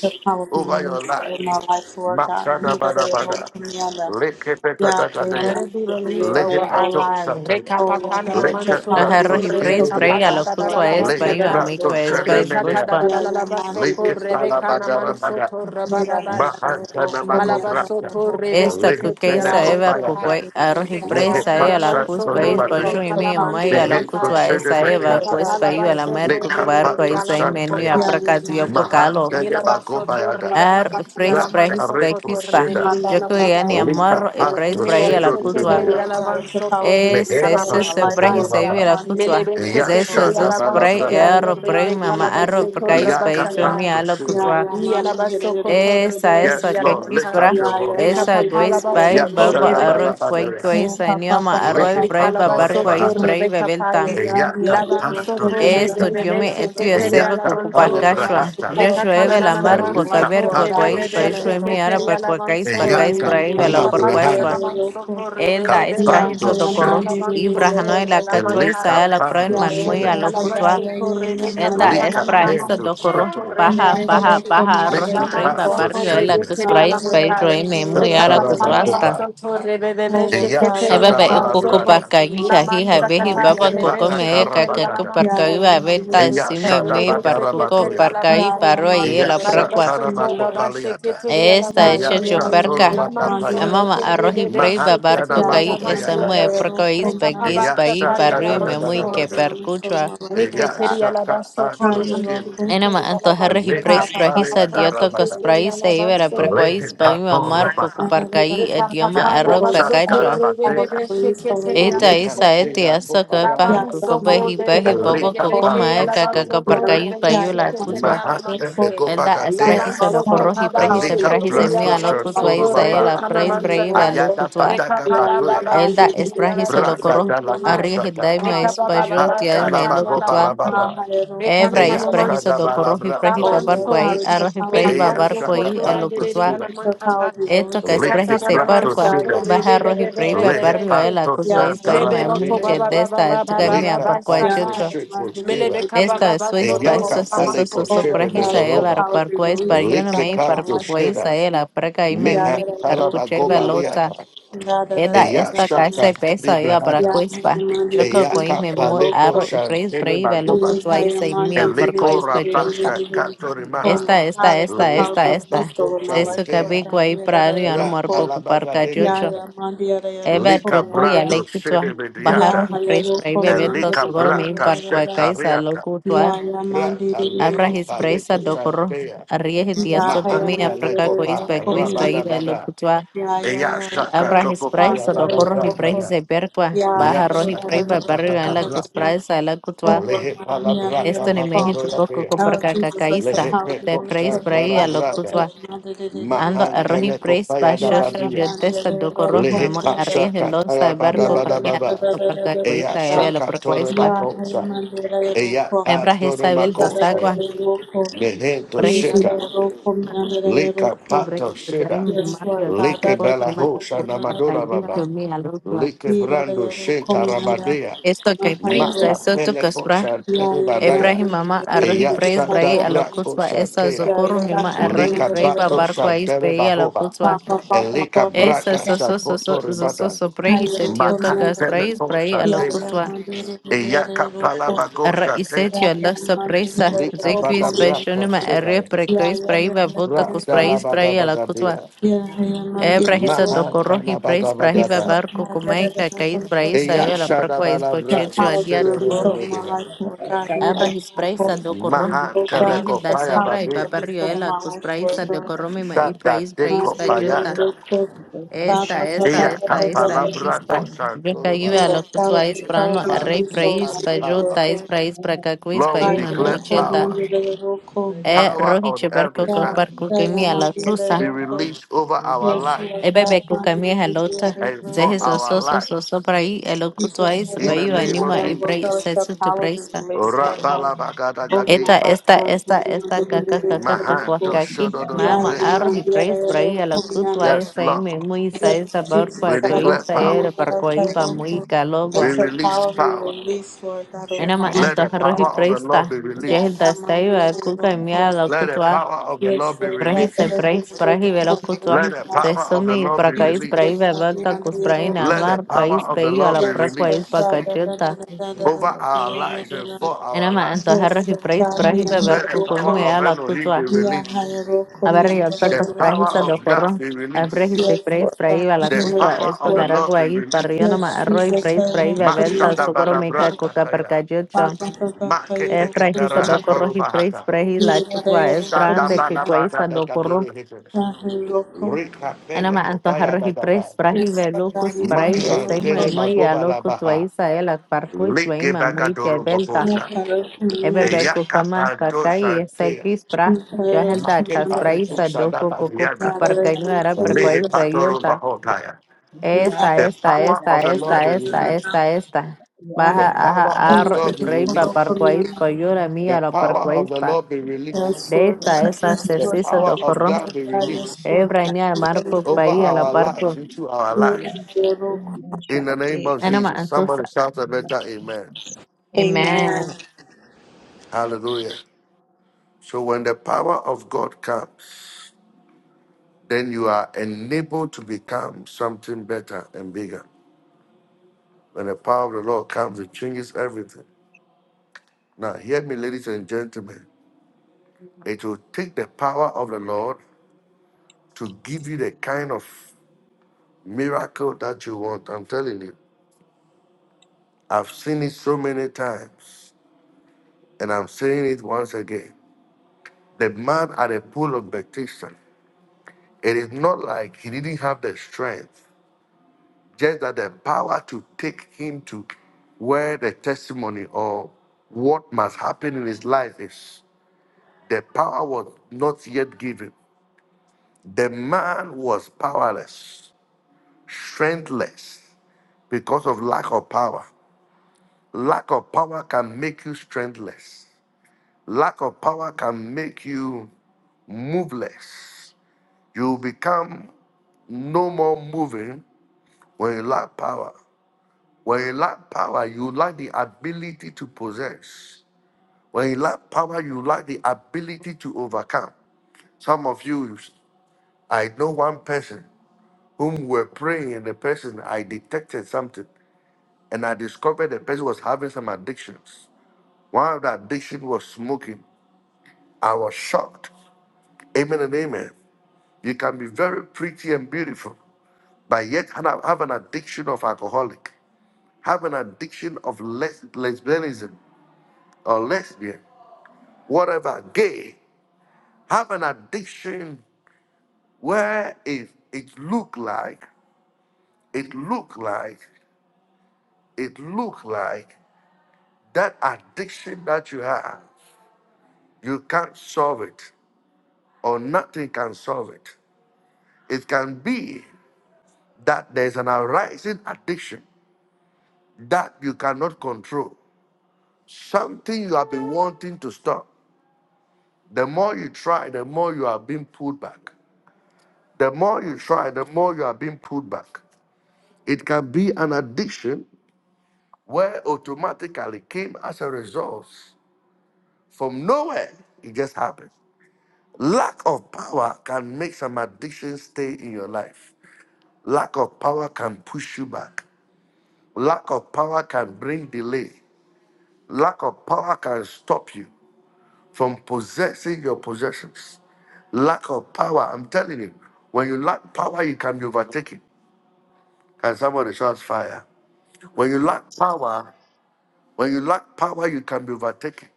the power be
over your
released
life.
in my life, Lord God.
Mashada
Neither
bada
they will
bada.
to me on them.
Leke peka
Yeah,
da
I
da
am
Let
dea.
on
it be
the
released
yeah,
over
Lehe
they
our
will
pato
to
lives.
sataya.
da
Oh
da da
Lord
da
God, let your
Leke
power be
brato
अरोही
released
praise
over my
praise
skibidiaka.
आलो
life,
la
Lord
कुसो
la
God.
एस
Lehe
पाइयो
Neither
basatai.
they
अमी को
brato
will to
एस बज बुश
Rekata da
shenemenea.
पा
da
Yeah,
la
I
la la
am on the
basoko
Leke
yeah, they will
rebekana
to
palabadara
manso
bada.
to
yeah,
rabababashe.
Mahanta
Malabaso
Namagobrata,
to
Esta
rebeke peti
cuqueisa eva
Lehepenekopayata,
cuquei arrojipresa e a la cus
Rekapakanamansukoto,
país
Lehepatsantonemate,
pacho y mi mai a la cus
rebekapatadadalabasatai.
va esa eva
Lehetosenebedeata,
pues paio a la mer
Rekatadadalabansoko, rebekanamansoto, rabababashi. Malabasoto, rebekepetialamansotai. Rekatananamansoto, rebekalamansatai. Rekapapalabasoto,
cuc barco esa y
Lekapatosantaya,
rebekalamankopai.
yeah,
menio a
Milabasoto,
Mahantanemagobayada,
Ar praise
man.
Brahi
rebekapatialamansokoto,
Bekispa.
Ratarekroseda,
Mata
Yoko
Papa
yani
rebekalamantai.
Papa Papa
amar e praise
Lord
Brahi
Melebe
a la
Oh
kutwa.
sheketeri
Likapatosedonidea,
Lord God,
alaban
let your power
soto
be
re
E
released
se
over
se
kalaban
my
se
life,
Brahi
sata.
Lord
se
God.
vi
Mehentosudonibaba,
la
Mind it, it, it,
kutwa.
Melebe
it, it, it,
Zeso
sheketeri
it.
zos
alaban
Brahi
Yashadabalabra,
e
Yeah,
sokoto
yeah,
arro Brahi
mind
rebe
it,
mama
it, it,
kalaban
arro
it, it,
soto
Brahi
it, it, it,
reba
Brahi jomi
it.
sata.
a la
Yakapatosunda.
Yeah,
kutwa.
yeah,
Yalaba
mind it, it, it, it, it,
sokoto
E
rebe
sa
re re
it,
re
it.
esa
Yes, Lord,
yalaman
kekis
lift
tai.
up
bra.
your
Yeah, yeah,
Reka
voice.
mind it,
Esa
it, it,
guais
it,
papalaba
bai
it,
soto
it,
baba
it.
rebe ve.
arro guai
Yashadabalabadaya.
Yeah,
guais
pa, pa, pa,
anioma
pa, pa,
arro
pa, pa,
Brahi
Likalaba
babar
Likipator
pa, pa,
soto
guais
pa.
Bahata,
Brahi
rebeka
bebel
payas.
Eyaka
Oh
Laban
Panto
soto
Shita,
esto, dio
rebebebe
me estoy a
sheketeria
seva
Eyaka
cucu
laban
Pale
Lord,
soya.
power
parcachua.
to
Brahata,
Yo
power be
Rekatana
llueve la
released over
mar
my
nananaman
life,
Elita
soto
cuacaber
Lord God.
Panto
cuacuais pa
rebebebe
Shita,
yo mi ara
sheketeria
per
laban
cuacais
so.
Yeah,
pacais
yeah,
Eyaka
man, did
braiva la
Pala
it,
por
did it, yeah,
Rekapatana
yeah,
cuachua.
Brahanda,
naman soto
El da es
rebebebe
brahizo
Kabando
do
man,
sheketeria
corro.
Shita,
did it,
laban
Y
did it,
soto
yeah,
la
yalaman
catuais
Elika
a la
kayas.
yeah,
proen
Pando
yeah,
man muy
Shita,
a lo
yeah, yeah,
cutua.
yeah,
Alabasoto
yeah,
Rebecca
El
man, did
da
it,
es
Lika
Patanana
brahizo
Pando
do corro.
Soto
Shita,
Baja,
yeah, hello,
baja,
Rebeshi
for me,
baja,
I'm a
arroz y
Liki
Laman
braiva
little
Panto
Soto
barrio el a tus
Shita,
Ah,
Rebeteria
da,
brais
da,
pa
da, da,
yo
da, da,
Lamankai
me muy
Reka
da,
ara
da, da,
Patana
da.
cutuasta.
Shatarabakopa,
Basoto
Oh Lord
Rebebeshi
Eya
God, let your
Keteria
Ebebe
power
laman
be
ikuku
Soto
Shadabalabrata,
released in my
parkaija
life,
laman
hija
Lord
behi
God. Yeah,
baba
da,
Liki
da,
koko
da,
Pata
mehe
da.
kakaku
Karabagada,
parkai
Yaya
va
Mandira
venta
Eya
encima me
Saroko,
parkuko
Shadabadara
parkai
Yaya
paro y el
Eya
Mandira
apraqua
shatara
Rokumina,
makopaliata.
esta
Eya
hecho
Yaya Yaya
choperca
shatoro makapaya.
Mandira
amama
Roko,
arroz y prey babar
Mahantana
Yaya
cocaí
makopaya
esa
Mandira
mue
kata.
procoís
Rokumina,
paguís
Eya
O
paí
Lord,
parru
shatara
y
God of
da
me
the
da
muy
da
power
so
da
que
of
da.
your soul,
percuchua
my life, Lord
Eya
God.
Miketeria Labaso
shakapato
Kona
Kaya
skim.
Roko,
enama
Miketeria
antojarres y
Labanso.
Leta
preis
Tata Papa
prajisa
palea da
Papa,
dioto
and
ramada.
cospraí se ibera
Leta
procoís paí
tato
mamar coco
rama.
everybody.
parcaí idioma
Yako
arroz
Lord, I thank
pacachua
you, power of
shakarabatea.
your soul, my
Ita
life, Lord
isa
God.
ete
Mehantea
asaka
kopayada.
parku
Yaya
kobehi behi
Mandira
bobo
Leta
Roko,
kokoma eka
pandushko
kaka
Yeah, yeah,
boya.
parkayu
yeah,
bayu
yeah,
la
my dear
kuzwa
Lord,
Mahante
for
elda
for
legobagadea.
esprehiso
all
no
character,
korohi
power,
prehise
and
elika
prehise
release
prato
mia lo
in my life,
kuzwa
shantoro
isa
Lord
ela
God,
baba.
yeah,
preis
my
brei
Lord,
velu
for
Ayada
kuzwa
pataka
yeah, yeah,
patoya.
my dear
elda
Lord, dear Lord,
esprehiso lo
Raka
dear
koro
Lord, dear
dala
Lord,
arri hildai
kosaka.
ma
my yeah, my dear
ispajo
Ha
Lord,
tial me lo
for
kalabago
kuzwa
my
balababa.
higher Lord, for
ebra
my
Eya
dear
isprehiso
shada
lo korohi prehi
balabrato
oh
babar
Lord
shiva.
Labanso,
God,
kwai
it's your
arohi
power,
prehi
be
Eya
babar
Melabasto
released,
shaka
Lord
kwai
Cotor,
God,
elo
pato
Redere,
kuzwa.
shiva.
it's
Alaman
your power,
Papa,
be
Eto ka
be
released,
be be
Lord
esprehi
be
God,
Likit
sei
brato
parkwa
yeah,
shiva.
yeah, my
baha
dear
rohi
be
Lord,
be
preiba
be,
for
Lehe
be
barrio ela
panto
kuzwa
yeah, yeah,
isba ima
my
Mebe no to
dear
santarabadia.
ba
muiche
ba
Lord,
ba ba
for
desta
ba ba
etuga
ba
mia
ba
Lika
ba
parkwa
yeah, yeah,
panto
sakai.
chocho.
my
shiko
dear
Mele
Lord,
be
shiva.
ka ba
dear
Esta
ba
es
ba
su
Lord, dear
ispa,
soto
esto
Lord,
Eyaka
es
rama
eso, eso
paleko
Oh
so
soya.
Lord
shiva
God, let
prajisa
the
eva,
bedoroba.
power be
parkwa ispa,
released,
yo
Lord
no
Lika
God,
me
over my
panto
life,
parkwa
Lord.
isa
shiva.
ela, praka ime
Da
Miha
da
muy
da da da ko
parkuche
talabago
ni na da.
balota.
baliata.
Da da da
Eda
da da
Eya
da
esta
da da.
casa
shaka
pesa yo para
Ya
kalibrahada.
ha ya
cuispa.
ma
Yo
di
creo
di
que
da
coi
Eyaka
me
da da da
mu
do
paleko
arro
ko.
y preis
shantele
prei velo
magoba.
Ni ha
cutuai
ya
se
ma di
mian
di
por
di
Eleko
di di
cuispa
di di di
yolta.
rabasha
di di. Oh
katorimaha.
Lord
Esta,
God,
esta,
let your
esta,
power be
esta,
Leka
esta.
released
bako
over my
Se
life,
su
Lord
chantea.
cabi
God.
cuai
Ya da da
prano
da
ya no
da
Rata
marco
ko.
ocupar
labaga
Ya
cayocho.
delihata.
ya ma da da yeah, da do
Eva
ko
Lika
ni na
trocuya
da.
le
brando
y
shede
a
Ya
bajar
mediata.
y
ha yeah, da
preis
do
prei
ko ni na da
bebeto
Elika
da
sogoro
da
me
da
brata
par
da da da.
cuacaisa lo
shetariata.
Ya
cutua.
ya ma di
Rata
di di di
Abra
leko
his
di di di
preisa
paleko
di.
docorro.
shandea.
Arrieje días
Yeah, I
sopa
am
mía
a
Mahanta
para cá
leko pa
little
cuispa cuispa
comiana.
iba lo
rabadabada.
que tú
Yeah, yeah,
Eya
yeah,
shaka
yeah,
Abrahis
toko
praise
man,
paya
you're
do
a
bada
little
corrohi
brata
com-
ya.
praise e perqua
Yeah, da,
Ya
baja
da, da,
rohi
da,
shaka
da,
praiba
da,
taka
barrio en
da, da,
la
da,
cus
da,
praise a la
Oh,
cutua
Lord,
Lehe
I'm the
palabraka
esto
little
ni mehi
com-
poco coco
bagodoyatea.
Oh,
coperca
Jesus, let the
Lehe
cacaísta
power of the
te
peko
Lord
praise
save my
praise
shantara
a lo
life. Lord,
brada.
God.
cutua
Yeah, da, da, da, da, da,
ando a
da, da,
rohi
Mahantele
da.
praise pa
kopaya da
Yeah,
shosha
yeah,
badia.
yo
man, you're
testa do
a little
corroh
Lehe
memo
pa
comiana.
arries el
shaka
losa
taya
e
bada
Ya
barco
bada
camia
baba.
coperca
Eya
coista e velo
shaka toro
perquaispa
makosa. Eya pa
Abrahis
toro
sabel dos
makosa.
agua
Mehento
brehis
shita. Lika
brehis
pato shita.
Ibrahim Mario esto
like
por
bela
mema e
hosa
coperca
namadura
yo
baba.
mi a lo cutua
like brando shinta rabadea.
esto que praise
Maka
esto tu
Peleko
cus
Shantere Badaya.
Ibrahim mama arrohi
Eya
praise
Shada
brai a la
Brako
kutwa esa
Shantea.
zokuru mima arrohi
Lika
pray
Bato
babar kwais
Shandere
pei a la
Bahova.
kutwa
Papa, papa,
Elika
papa,
esa
Braka
papa,
so
papa.
so so so
Shakoto
so so
Ribada.
so prehi
The
setio
power
Maha
tokas praise
Peleko
brai a la
Shantea.
kutwa
Eyaka Palabago
arra
Shantea.
isetio la sorpresa
Lika Bada
zekwis
Brako
peshonima arre
Shedaya.
prekois brai babuta kus
Rata
praise
Labaga
brai a la kutwa
Bagadia.
come.
Ebra hisa
Maha
dokorohi
Talabaga
praise brahi
Bagata.
babar kukumai kakais brai
Eya
sayo la
Shada
prakwais pochetio
Balabrato
of
adia
your release over my
Shedebedebedea.
life, Lord
Let
God,
your
you
Abra
power
his
be
praisa
the
the
do corro.
Holy
Maha
Oh
Spirit of the
God,
Arriba
Teleko
the
da
Lord.
Paya
power
saibra y
you
Let
Badia.
release
paparrio
over
ela
my
cus
life, Lord
praisa do
God.
corro mi ma y
Shada
prais
de
My
prais la
dear,
the Holy
that is
yuta.
Spirit
real
Copayata.
be the teacher of
Esta,
the
esta,
Lord. Let the
Eyata
esta, esta,
palabra do
crispa.
quick.
Yo
Santoro
caí
and
a
Baba.
the
los que
ballot
suáis
is
prano,
probably
Lord of the
Father,
rey
Lord be the
released
give
for
praís,
my
us
pa es
life
power.
tais
working.
praís, pra
Lord.
cacuís, pa
Lord, we
I
Let
ima
the Lord
declare
local
muchelda.
power.
under the local.
E
Power
roji
on every
chebarco
Yeah,
side.
coparco
yeah, i
que mi a la
the
tusa.
Be
local.
released over our
Yes, you are
lives
E
God,
bebe
i
cuca mi a lota.
and
the
for
Zejes
local.
our
oso, soso, soso,
lives.
praí, el oculto
Jesus,
ais,
the
In
pa
the
local
shepherd
name
man,
of
anima y
work
praís,
Jesus.
out the
sexo tu
power of the
praís.
release for God. Over my
Esta,
Rabalabagadagadiyana.
life
esta,
working,
esta,
i
esta, caca, caca,
the
Mahanto
local.
cacuacaqui,
Yeah,
mama,
I'm
Shodododobreaka.
arroz y
under
preis, bray, a la
the
cutua,
local.
Yes,
esa, y me,
Lord.
muy, sa,
Yes,
esa, barcua,
We
Jesus, God,
declare
coisa,
open me
era,
power.
up, Lord, I pray,
barcoiba,
Lord,
muy,
for-
We
let
calogua,
your
release
power be
power.
released, Lord God, over my
enama,
life,
Let the
entonces,
Lord
arroz y
power of
God.
the
preis,
Lord
ta,
be
Yeah,
yel,
released.
da,
yeah, my dear
estaiva,
Lord,
cuca,
Lord.
y mía,
for-
la
Let the
cutua,
power of the
Yes,
Lord be
Lord
bray,
God,
se,
let
released.
it be
preis, bray,
delivered,
ve, la
Lord, Lord,
Let
cutua,
Lord.
the
Lord.
se,
power of the
sumi, y
Lord be
Yes,
bracaís, bray,
Lord
ve,
released.
God,
vaca,
yeah, my
be
cus,
the
dear
bray,
Lord,
Let
Lord.
the
namar,
power
país,
of the
ve, a
Lord
la
be
Yes, Lord
procuais,
released
God, da, da, da, da,
bacacheta,
da, da, da,
over our
da, da,
lives and
da, da.
for our
enama,
lives.
entonces, arroz
Yes,
y
Lord
preis,
God,
bray,
yeah,
ve,
my
Let the
dear
barcu,
Lord,
power
Lord.
of
comía, la
Elohim
cutua,
be
Yeah, my
released.
Lord, Lord,
habari
yeah, da,
The
kutoka
da, da, da, da.
power
furahisha
da.
of God
dokoro
be released.
abrehise
Yes,
praise
Lord God,
fraiva
yeah,
la
The
my
kutwa
Lord,
power
esto
of the
Lord.
Lord be
garagua y
released.
parrionoma
Yes,
arroy
Jesus, I
praise
will
fraiva
Ma
velta
command the
shada
socorro
bada bra
meca
local
coca
kataya.
percayocho
Papa Papa
Ma
eh
Cairo
kete kete
fraiza
ra
Commander,
dokoro
hatoru
y praise
bahata.
frahi la kutwa
Yerayo
es
Shada
brande que
bala
Commander,
guaisa
bada
guaiza
da da
dokoro
dere hete.
Tahu Loco,
Rika pele
enoma
kopaya
antojarro
da
y
da ba.
praise frahi ve
Israel,
locus frai estoy muy
Loco,
Mashantene
muy a locus
magobalabaha.
guaiza el parcuch
Leke
veima muy
bagadoro
chevelta
bobosa.
Nakaro Commander,
Eyaka
Ebebekukama
pando
kakai
shantea.
segis pra
Nakaro
yahelda
Make
Commander,
paneto
kaspraisa doko koko
shadabadiana.
Narado
kuparkainuera
Lehe
Commander,
perkuaisba
patoro
yulta.
bahotaya.
God of
Esta,
Narado
The
esta,
power
the
esta,
of the Lord
esta,
be
esta,
released.
esta, esta. Baja
The
aja
power of
ar y
God be
preiba
released.
parkuaisba
Commander,
yura
The
mía
Lord.
lo la
power of the
parkuaisba.
Lord be released.
Yes,
De
Lord
esta,
God,
esa
yes,
The
Let
Lord
the
sesisa
God,
power
yes,
of
dokorro.
God
Lord
be
God, yes,
released
Lord
Ebrainia marpo
over
Lord
pai
God,
a la
our life,
parko.
into our
Yeah.
life.
Narado
In the name of
Anima
Jesus. Somebody
antusa.
shout a better amen.
Amen.
Amen.
Amen.
Hallelujah. So when the power of God comes, then you are enabled to become something better and bigger. When the power of the Lord comes, it changes everything. Now, hear me, ladies and gentlemen. It will take the power of the Lord to give you the kind of miracle that you want. I'm telling you, I've seen it so many times, and I'm saying it once again. The man at the pool of Bethesda, it is not like he didn't have the strength. just that the power to take him to where the testimony or what must happen in his life is. The power was not yet given. The man was powerless, strengthless because of lack of power. Lack of power can make you strengthless. Lack of power can make you moveless. You become no more moving when you lack power. When you lack power, you lack the ability to possess. When you lack power, you lack the ability to overcome. Some of you, I know one person whom were praying, and the person I detected something, and I discovered the person was having some addictions. One of the addiction was smoking. I was shocked. Amen and amen. You can be very pretty and beautiful, but yet have have an addiction of alcoholic, have an addiction of les- lesbianism or lesbian whatever, gay, have an addiction where it, it look like, it look like, it look like that addiction that you have, you can't solve it or nothing can solve it. It can be that there's an arising addiction that you cannot control, something you have been wanting to stop. The more you try, the more you are being pulled back. The more you try, the more you are being pulled back. It can be an addiction where automatically came as a result from nowhere. It just happened. Lack of power can make some addictions stay in your life. Lack of power can push you back. Lack of power can bring delay. Lack of power can stop you from possessing your possessions. Lack of power, I'm telling you, when you lack power, you can be overtaken. Can somebody shout fire? When you lack power, when you lack power, you can be overtaken.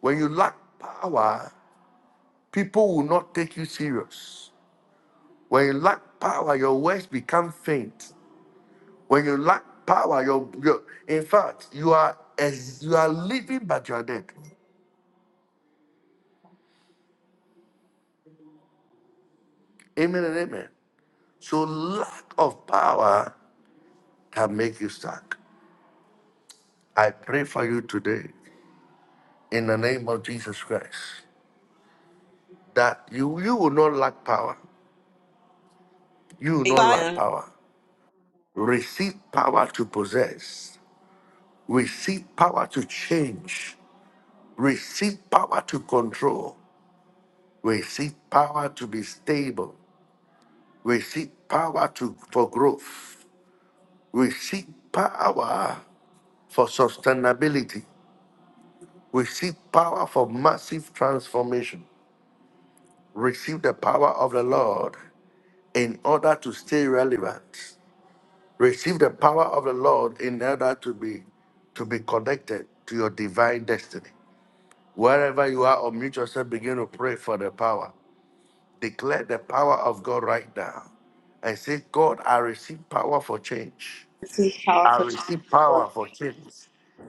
When you lack power, People will not take you serious. When you lack power, your words become faint. When you lack power, your, your in fact, you are as you are living, but you are dead. Amen and amen. So lack of power can make you stuck. I pray for you today in the name of Jesus Christ that you, you will not lack power. You will not lack
Amen.
power. Receive power to possess. Receive power to change. Receive power to control. Receive power to be stable. Receive power to, for growth. Receive power for sustainability. Receive power for massive transformation. Receive the power of the Lord in order to stay relevant. Receive the power of the Lord in order to be to be connected to your divine destiny. Wherever you are, unmute yourself, begin to pray for the power. Declare the power of God right now. I say, God, I receive power for change.
This is
I
powerful.
receive
Lord.
power for change.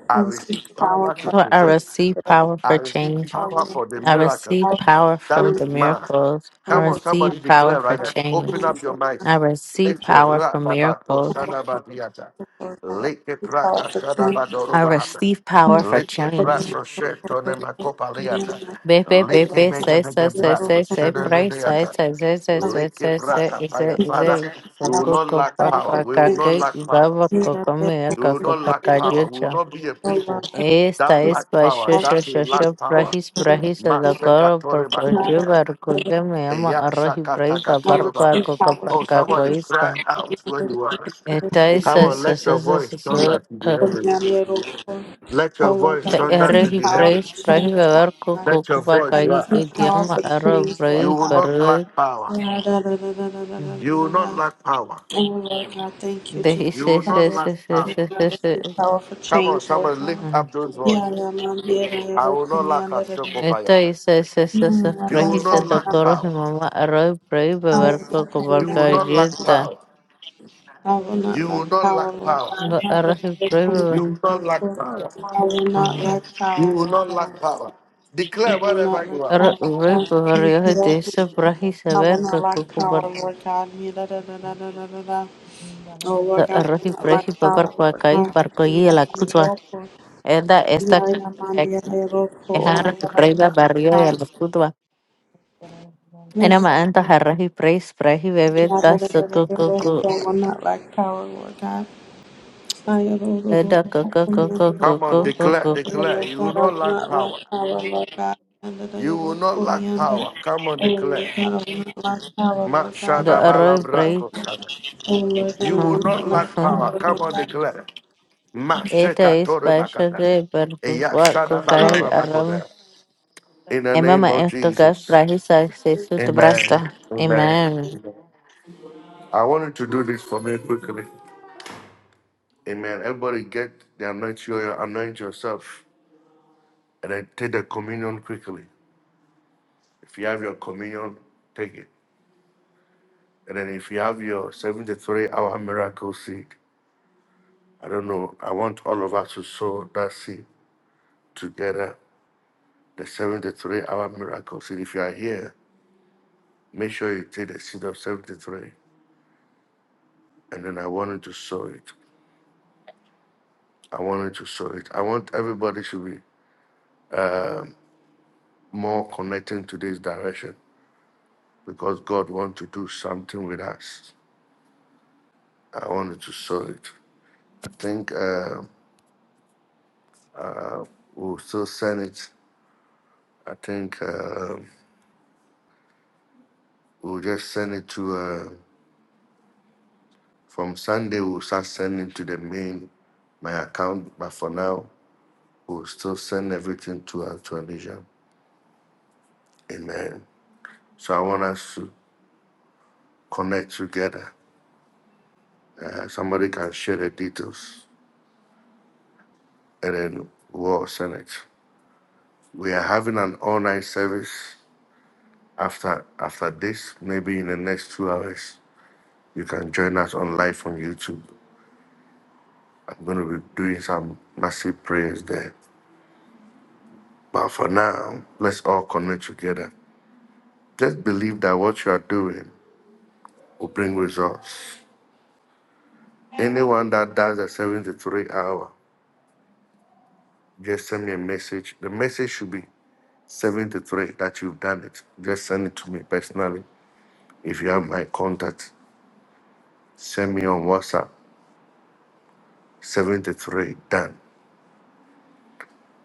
I
And this is
receive power to
powerful.
Lord, I
present.
receive power
I
for
receive
change.
power
Always
for the
this
I
miracle.
receive
powerful.
power
That
from
And
is
the
mine.
miracles. I
Come on,
always powerful.
receive
somebody
power
declare right
for
now. Open
change.
up your
So
I
minds.
receive
Lift it.
power for
Ra-ba-ba-to,
miracles.
powerful
shana-ba-diata.
for that.
Lick it,
This
raka,
powerful change
I
shana-ba-do-ro-ba-hata.
receive power for
Lick it,
for the
change.
brato, sheto, nema, kopaliata.
Be be be
Lick it,
be
bega,
say say
bega,
say
people
brato,
say
from
say
the
pray say
shana-ba-diata.
say say say say
Lick it,
say say
raka,
say
fire. Father,
say
we will not
Coco
lack
outside.
power.
The
para
We
cá
will not
que
lack power.
leva
people that
coco
were
minha
We will
coco
not
para
lack power. We will
cá
not be a
so loved
people
Esta
that lack power, that will
Shasha
lack power.
Brahis Brahis
Maseka
Adakar
tore
another.
Parkochubar Kuzemiama
Eya
Arahi
shaka
Braiba
And
Barpa
receive
baba.
power
Oh,
from
Kokaparka
somebody cry
Koistan.
out when you are.
Esta
the
es
Come
people
on, let your voice thunder
the
to the
from the
heavens.
little people.
Let your
Oh Lord,
voice
I
thunder to
Arahi
receive
the
power
Brais
heavens.
change, Lord
Brahivar
God.
Let your
I
voice
Kokubakai
rise.
receive power
Idiama Ara
change, Lord
You
Brai
will
God.
not
Baroi.
lack power.
Yeah, da, da, da, da, da, da, da,
You will
da,
not
da.
lack power.
Oh, Lord God, thank you,
De
You
Jesus.
will not
Hallelujah.
lack power.
God, This is powerful
Come on,
change, Lord
somebody
God.
lift up those
Yeah,
voices.
yeah, man, yeah, yeah, yeah,
I will
rock on
not
me,
lack
and
a
da,
shokopayata.
Esta es
Mm, I
You will
don't
Brahis
not
fall, man,
lack
I
Adakar
power.
Mama arahi Brai
I am
Babar
rock on me,
You
and
will
Kokaparka
da, da,
not lack
Jilta.
power.
I will not
You
lack
will not
power,
lack
Lord
power.
Rey
God. I
You will not lack power.
will not lack power,
You will
Lord
not
God.
lack power.
I
Declare
will
wherever
not
you
lack
are.
power, Lord
varios de
God.
Sabrahi
I will not lack power. I will
saber que
not lack
ocupan
power, Lord God. Me, da, da, da, da, da, da, da. Oh Lord
the
God, we do
Rahi
not
Prehi
like
Papar
power.
Quacay, Parcoy
Hallelujah.
la Cutua,
Roko.
Eda esta
Inari amandi ere roko. Oh Lord
Hara
God, I
Reba
not like
Barrio y
power.
la Cutua.
Yes,
Enama
Lord.
Anta Harahi Preis Prehi Bebe
Yada da
Das
da da da
Cucu
roko. I will not like power, Lord God. Ayo ro ro ro
Eda Cucu Cucu
Come on,
roko.
Cucu
declare,
Cucu
Yada
declare.
da da da. Oh Lord
You will
God, I
not
will
lack
not like
power.
power, Lord God. Yada da
You
da
will not
roko.
lack
Yada.
power. Come on,
Oh Lord
declare.
God, I will not like power, Lord God. Yada
The
da da
Roy Prey
roko.
Mashadabalabrakoshada.
Oh Lord God, I
You will
will not
not
like
lack power.
power,
Come on,
Lord
declare.
Eta is Pasha
Mashekatoribakata.
de Percuqua Cucay
Eyashadabalabrakoda. In the
And Mama
name of
asked God,
Jesus.
like he said, says to the
God.
breast.
Amen. Amen.
Amen.
Amen. I wanted to do this for me quickly. Amen. Everybody get the anointing oil, anoint yourself, and then take the communion quickly. If you have your communion, take it. And then if you have your 73 hour miracle seed, I don't know, I want all of us to sow that seed together, the 73 hour miracle seed. If you are here, make sure you take the seed of 73, and then I want you to sow it. I wanted to show it. I want everybody to be um, more connecting to this direction because God wants to do something with us. I wanted to show it. I think um we'll still send it. I think um we'll just send it to, uh, from Sunday, we'll start sending to the main, my account. But for now, we'll still send everything to our Tunisia. Amen. So I want us to connect together. Uh, somebody can share the details. and then World Senate. We are having an online service after after this. Maybe in the next two hours, you can join us on live on YouTube. I'm going to be doing some massive prayers there. But for now, let's all connect together. Just believe that what you are doing will bring results. Anyone that does a seven to three hour, just send me a message. The message should be seven to three that you've done it. Just send it to me personally if you have my contact Send me on WhatsApp. 73. Done.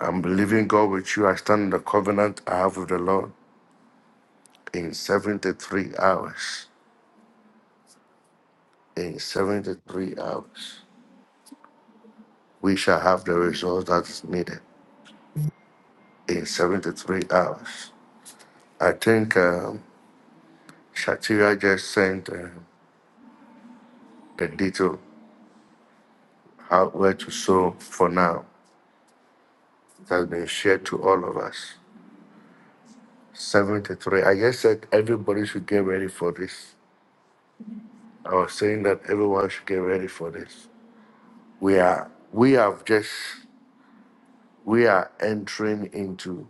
I'm believing God with you. I stand in the covenant I have with the Lord in 73 hours. In 73 hours, we shall have the results that is needed in 73 hours. I think um, Shatira just sent uh, the detail how where to sow for now that's been shared to all of us. 73. I just said everybody should get ready for this. I was saying that everyone should get ready for this. we are we have just we are entering into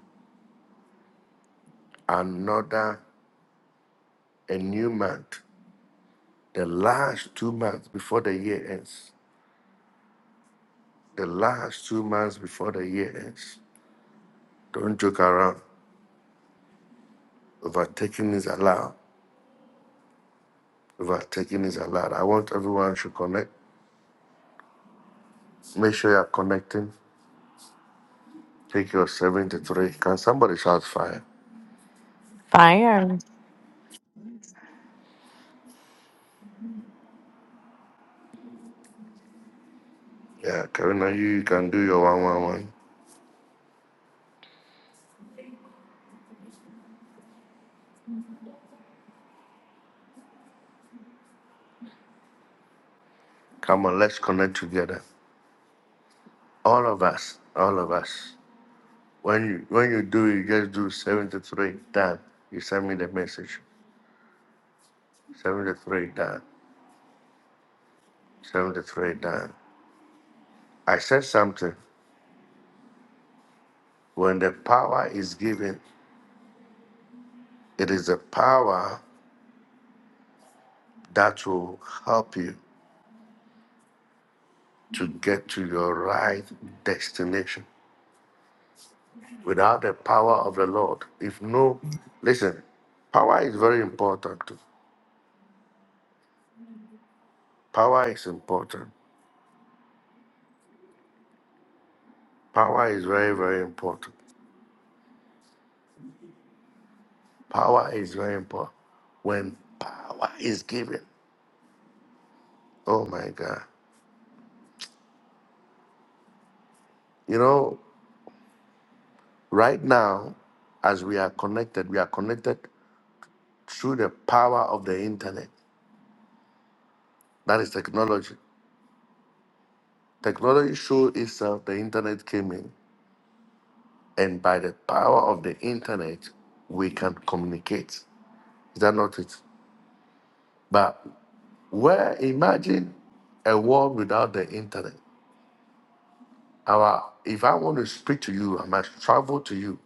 another a new month the last two months before the year ends the last two months before the year ends don't joke around overtaking is allowed overtaking is allowed i want everyone to connect make sure you're connecting take your 73 can somebody shout fire
Fire.
yeah karina you, you can do your 111 come on let's connect together all of us all of us When you when you do, you just do seventy three done. You send me the message. Seventy three done. Seventy three done. I said something. When the power is given, it is the power that will help you to get to your right destination. Without the power of the Lord, if no, listen, power is very important. too. Power is important. Power is very very important. Power is very important. When power is given. Oh my God. You know, right now, as we are connected, we are connected through the power of the internet. That is technology. Technology showed itself, the internet came in, and by the power of the internet, we can communicate. Is that not it? But where, imagine a world without the internet. Our, if I want to speak to you, I must travel to you.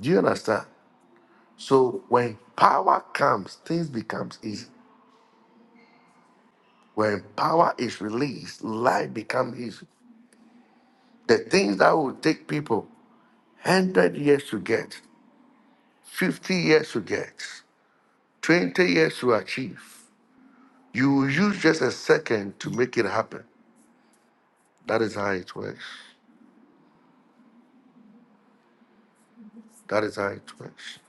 Do you understand? So when power comes, things becomes easy. When power is released, life becomes easy. The things that will take people 100 years to get, 50 years to get, 20 years to achieve, you will use just a second to make it happen. That is how it works. That is how it works.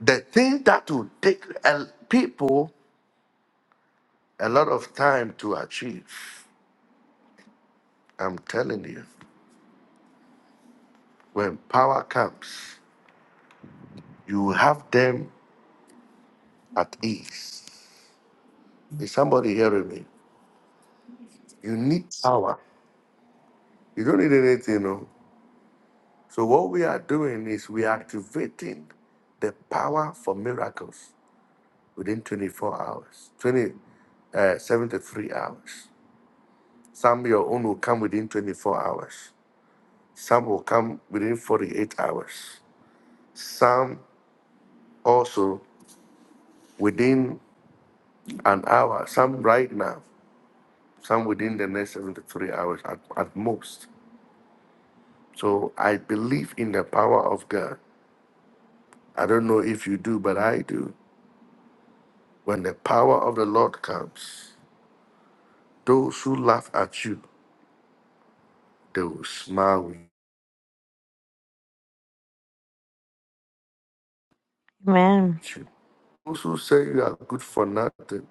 The thing that will take a- people a lot of time to achieve, I'm telling you, when power comes, you will have them at ease. Is somebody hearing me? You need power. You don't need anything, no. So what we are doing is we are activating the power for miracles within 24 hours, 20, uh, 73 hours. Some your own will come within 24 hours. Some will come within 48 hours. Some also within an hour. Some right now. Some within the next 73 hours at, at most. So I believe in the power of God. I don't know if you do, but I do. When the power of the Lord comes, those who laugh at you, they will smile with
Amen.
you. Those who say you are good for nothing,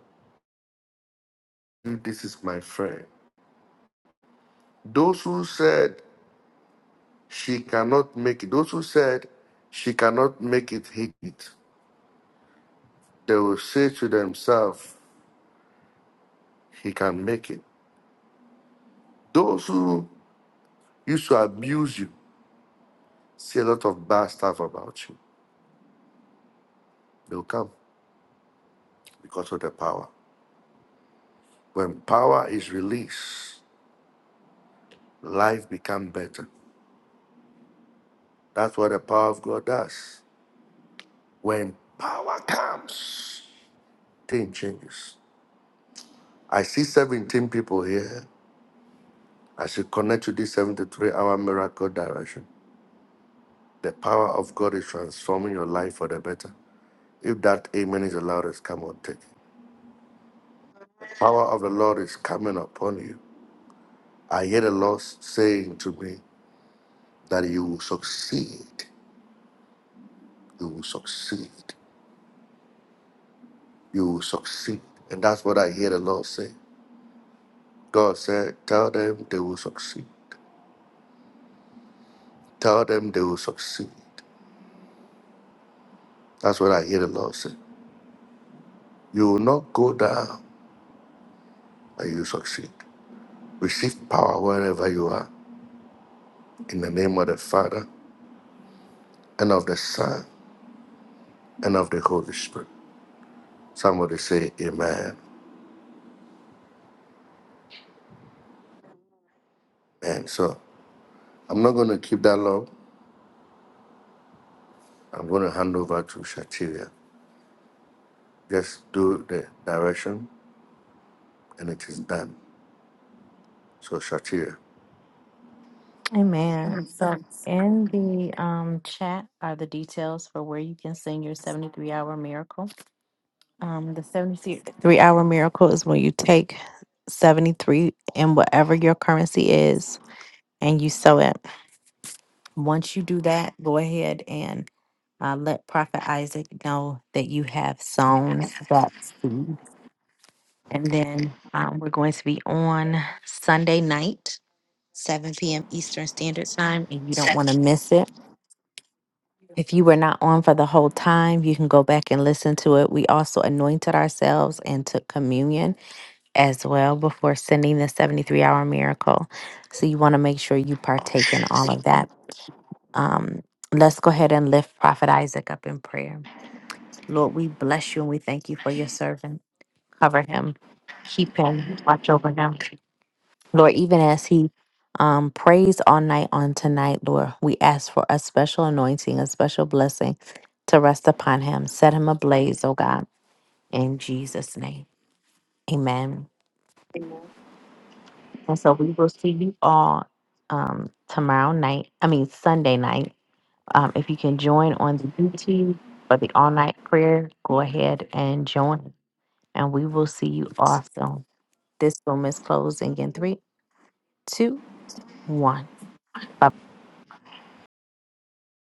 this is my friend. Those who said she cannot make it, those who said she cannot make it, hate it, they will say to themselves, he can make it. Those who used to abuse you, say a lot of bad stuff about you, they'll come because of the power. When power is released, life becomes better. That's what the power of God does. When power comes, thing changes. I see 17 people here. I should connect to this 73 hour miracle direction. The power of God is transforming your life for the better. If that amen is the loudest, come on, take it. Power of the Lord is coming upon you. I hear the Lord saying to me that you will succeed. You will succeed. You will succeed. And that's what I hear the Lord say. God said, Tell them they will succeed. Tell them they will succeed. That's what I hear the Lord say. You will not go down, but you succeed. Receive power wherever you are. In the name of the Father, and of the Son, and of the Holy Spirit. Somebody say, Amen. And so I'm not going to keep that long. I'm going to hand over to Shatiria. Just do the direction, and it is done. So, Shatiria.
Amen. So in the um chat are the details for where you can sing your 73 hour miracle. Um the 73 hour miracle is when you take 73 and whatever your currency is and you sow it. Once you do that, go ahead and uh, let Prophet Isaac know that you have sown that seed. And then um, we're going to be on Sunday night, 7 p.m. Eastern Standard Time, and you don't want to miss it. If you were not on for the whole time, you can go back and listen to it. We also anointed ourselves and took communion as well before sending the 73 hour miracle. So you want to make sure you partake in all of that. Um, let's go ahead and lift Prophet Isaac up in prayer. Lord, we bless you and we thank you for your servant. Cover him, keep him, watch over him. Lord, even as he um, prays all night on tonight, Lord, we ask for a special anointing, a special blessing to rest upon him. Set him ablaze, oh God, in Jesus' name. Amen. Amen. And so we will see you all um, tomorrow night, I mean, Sunday night. Um, if you can join on the YouTube for the all night prayer, go ahead and join. And we will see you also. This room is closing in three, two, one. Bye.